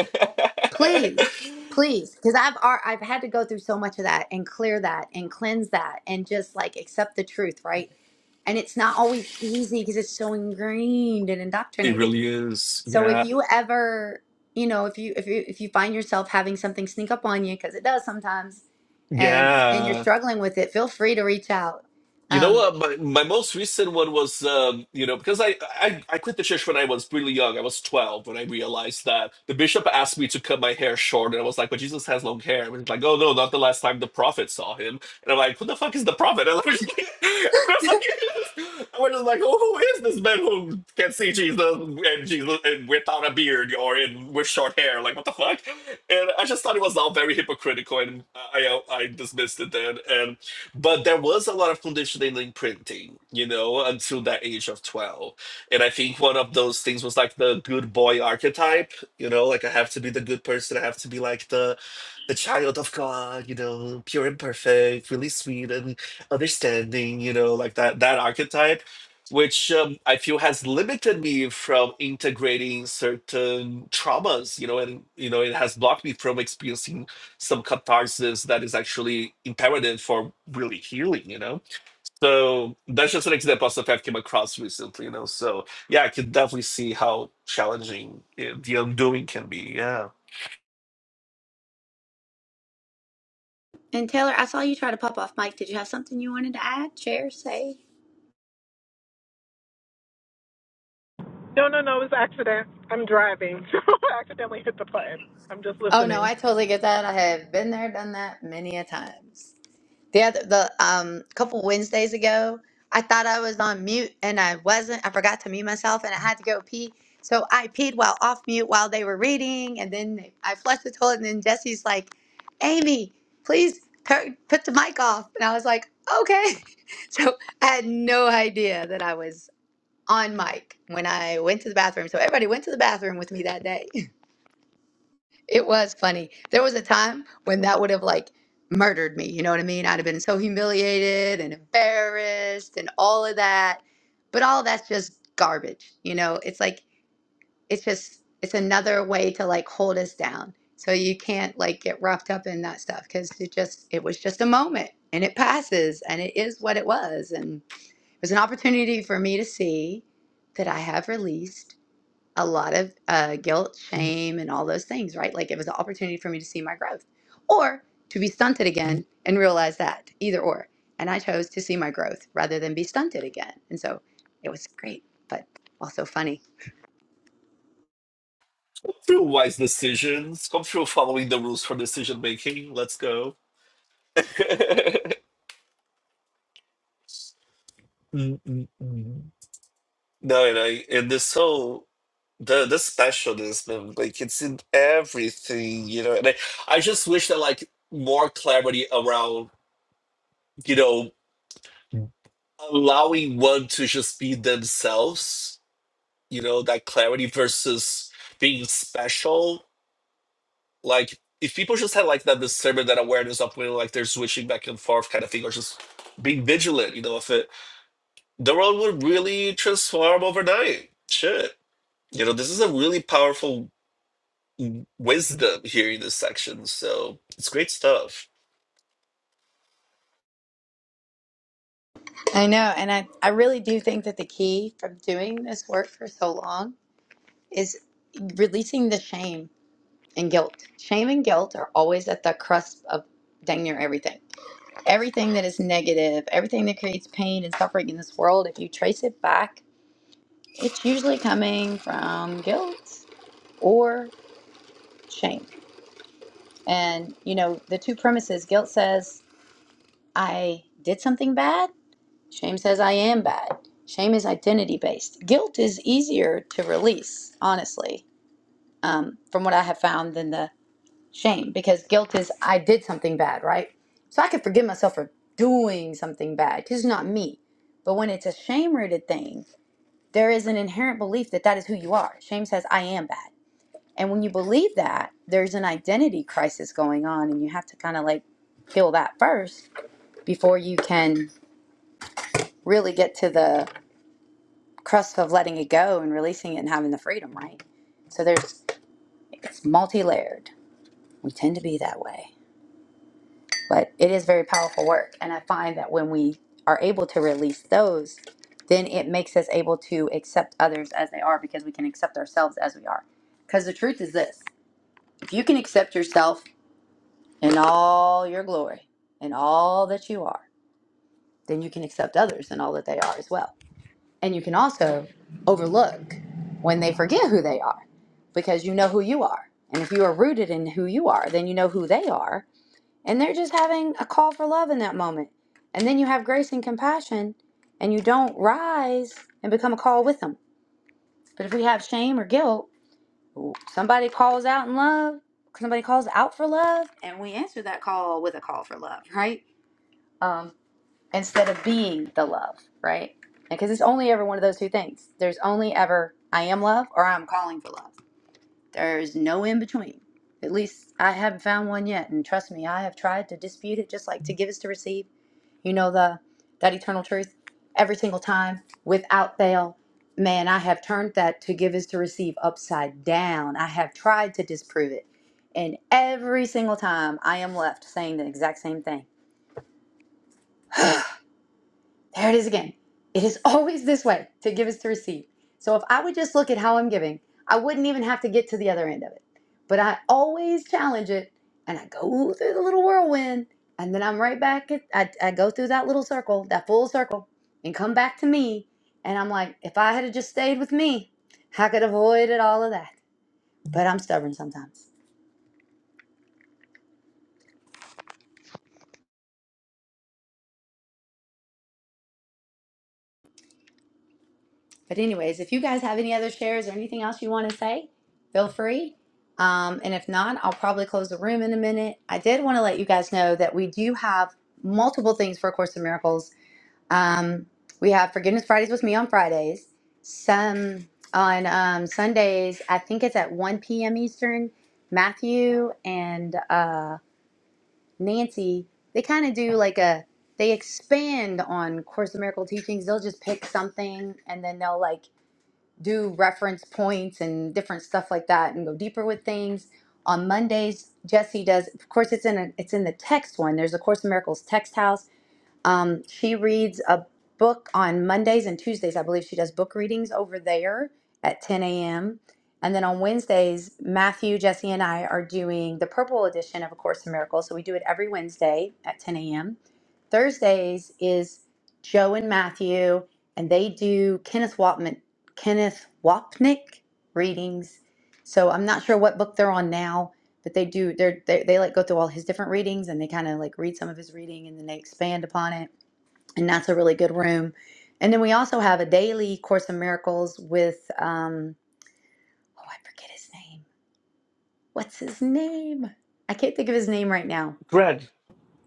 please please because i've ar- i've had to go through so much of that and clear that and cleanse that and just like accept the truth right and it's not always easy because it's so ingrained and it indoctrinated really is. so if Yeah, you ever you know if you if you if you find yourself having something sneak up on you because it does sometimes and and you're yeah. struggling with it feel free to reach out You um know, uh, my my most recent one was, um, you know, because I, I I quit the church when I was really young. I was twelve when I realized that the bishop asked me to cut my hair short, and I was like, "But Jesus has long hair." And he's like, "Oh no, not the last time the prophet saw him." And I'm like, "Who the fuck is the prophet?" And I was just like, I was like, I was just like, "Oh, who is this man who can see Jesus and Jesus and without a beard or in with short hair? Like, what the fuck?" And I just thought it was all very hypocritical, and I I dismissed it then, and but there was a lot of conditioning in printing, you know, until that age of 12. And I think one of those things was like the good boy archetype, you know, like I have to be the good person, I have to be like the the child of God, you know, pure and perfect, really sweet and understanding, you know, like that that archetype, which um, I feel has limited me from integrating certain traumas, you know, and you know, it has blocked me from experiencing some catharsis that is actually imperative for really healing, you know? So that's just an example of stuff I've came across recently, you know? So yeah, I can definitely see how challenging eh, the undoing can be. Yeah. and taylor i saw you try to pop off mike did you have something you wanted to add share say No, no, no, it was an accident. I'm driving, so I accidentally hit the button. I'm just oh no listening. i totally get that i have been there done that many a times The other, the um couple Wednesdays ago, I thought I was on mute and I wasn't. I forgot to mute myself and I had to go pee. So I peed while off mute while they were reading, and then they- I flushed the toilet. And then Jesse's like, "Amy, please turn, put the mic off." And I was like, "Okay." So I had no idea that I was on mic when I went to the bathroom. So everybody went to the bathroom with me that day. It was funny. There was a time when that would have like murdered me. You know what I mean? I'd have been so humiliated and embarrassed and all of that. But all that's just garbage. You know, it's like, it's just, it's another way to like hold us down. So you can't like get roughed up in that stuff because it just, it was just a moment and it passes and it is what it was. And it was an opportunity for me to see that I have released a lot of uh, guilt, shame, and all those things, right? Like it was an opportunity for me to see my growth or to be stunted again and realize that, either or. And I chose to see my growth rather than be stunted again. And so it was great, but also funny. Come through wise decisions, come through following the rules for decision making. Let's go. Mm, mm, mm. no, and I, and this whole, the the specialness man like it's in everything you know and I, I just wish that like more clarity around you know allowing one to just be themselves, you know, that clarity versus being special. Like if people just had like that discernment, that awareness of when like they're switching back and forth kind of thing, or just being vigilant, you know, if it the world would really transform overnight. Shit. You know, this is a really powerful w- wisdom here in this section. So it's great stuff. I know. And I, I really do think that the key from doing this work for so long is releasing the shame and guilt. Shame and guilt are always at the crust of dang near everything Everything that is negative, everything that creates pain and suffering in this world, if you trace it back, it's usually coming from guilt or shame. And, you know, the two premises guilt says, I did something bad. Shame says, I am bad. Shame is identity based. Guilt is easier to release, honestly, um, from what I have found than the shame because guilt is I did something bad, right? So I can forgive myself for doing something bad because it's not me. But when it's a shame rooted thing, there is an inherent belief that that is who you are. Shame says, I am bad. And when you believe that, there's an identity crisis going on, and you have to kind of like heal that first before you can really get to the crust of letting it go and releasing it and having the freedom, right? So there's, it's multi layered. We tend to be that way. but it is very powerful work and i find that when we are able to release those then it makes us able to accept others as they are because we can accept ourselves as we are because the truth is this if you can accept yourself in all your glory and all that you are then you can accept others in all that they are as well and you can also overlook when they forget who they are because you know who you are and if you are rooted in who you are then you know who they are and they're just having a call for love in that moment. And then you have grace and compassion, and you don't rise and become a call with them. But if we have shame or guilt, somebody calls out in love, somebody calls out for love, and we answer that call with a call for love, right? Um, instead of being the love, right? Because it's only ever one of those two things. There's only ever I am love or I'm calling for love. There's no in between. At least I haven't found one yet. And trust me, I have tried to dispute it just like to give is to receive you know the that eternal truth every single time without fail man i have turned that to give is to receive upside down i have tried to disprove it and every single time i am left saying the exact same thing There it is again. It is always this way to give is to receive. So if I would just look at how I'm giving, I wouldn't even have to get to the other end of it. But I always challenge it and I go through the little whirlwind and then I'm right back. At, I, I go through that little circle, that full circle, and come back to me. And I'm like, if I had have just stayed with me, I could have avoided all of that. But I'm stubborn sometimes. But anyways, if you guys have any other shares or anything else you want to say, feel free. Um, and if not, I'll probably close the room in a minute. I did want to let you guys know that we do have multiple things for A Course in Miracles. Um, we have Forgiveness Fridays with me on Fridays. Some on um, Sundays, I think it's at 1 p.m. Eastern. Matthew and uh, Nancy, they kind of do like a, they expand on Course in Miracle teachings. They'll just pick something and then they'll like do reference points and different stuff like that and go deeper with things. On Mondays, Jesse does. Of course, it's in a, it's in the text one. There's the Course in Miracles text house um, she reads a book on Mondays and Tuesdays. I believe she does book readings over there at 10 a.m. And then on Wednesdays, Matthew, Jesse, and I are doing the purple edition of A Course in Miracles. So we do it every Wednesday at 10 a.m. Thursdays is Joe and Matthew, and they do Kenneth Wapnick, Kenneth Wapnick readings. So I'm not sure what book they're on now, but they do they're they, they like go through all his different readings and they kind of like read some of his reading and then they expand upon it and that's a really good room and then we also have a daily course in miracles with um oh i forget his name what's his name i can't think of his name right now Greg.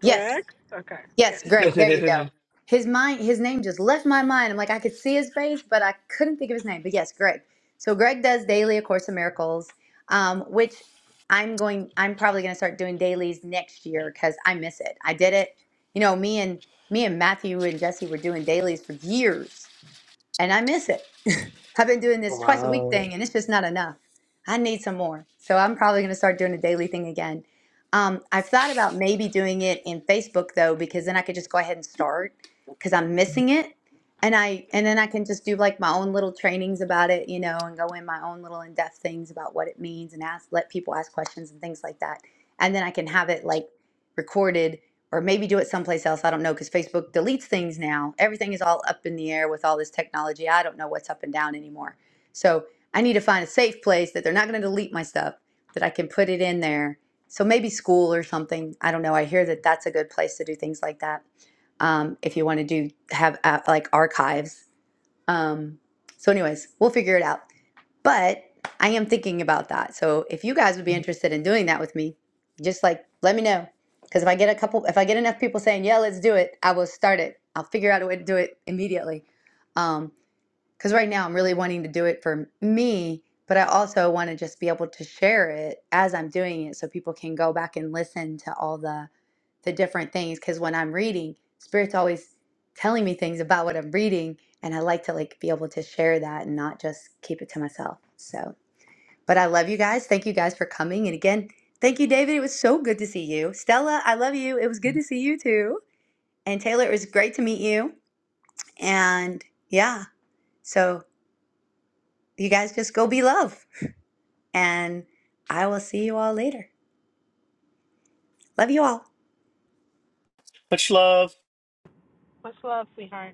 yes okay, yeah. Yes, Greg. There you go. His mind, his name just left my mind. I'm like, I could see his face, but I couldn't think of his name. But yes, Greg. So Greg does daily A Course in Miracles, um, which I'm going. I'm probably going to start doing dailies next year because I miss it. I did it. You know, me and me and Matthew and Jesse were doing dailies for years, and I miss it. I've been doing this twice a week Wow. thing, and it's just not enough. I need some more. So I'm probably going to start doing a daily thing again. Um, I've thought about maybe doing it in Facebook though, because then I could just go ahead and start because I'm missing it, and I and then I can just do like my own little trainings about it, you know, and go in my own little in-depth things about what it means and ask let people ask questions and things like that, and then I can have it like recorded or maybe do it someplace else. I don't know because Facebook deletes things now. Everything is all up in the air with all this technology. I don't know what's up and down anymore. So I need to find a safe place that they're not going to delete my stuff, that I can put it in there. So maybe school or something. I don't know. I hear that that's a good place to do things like that. Um, if you want to do have uh, like archives. Um, so, anyways, we'll figure it out. But I am thinking about that. So if you guys would be interested in doing that with me, just like let me know. Because if I get a couple, if I get enough people saying, yeah, let's do it, I will start it. I'll figure out a way to do it immediately. Um, because right now I'm really wanting to do it for me, but I also want to just be able to share it as I'm doing it so people can go back and listen to all the the different things. Because when I'm reading, Spirit's always telling me things about what I'm reading, and I like to like be able to share that and not just keep it to myself. So but I love you guys. Thank you guys for coming. And again, thank you, David. It was so good to see you. Stella, I love you. It was good to see you too. And Taylor, it was great to meet you. And yeah, so you guys just go be love. And I will see you all later. Love you all. Much love. Much love, sweetheart.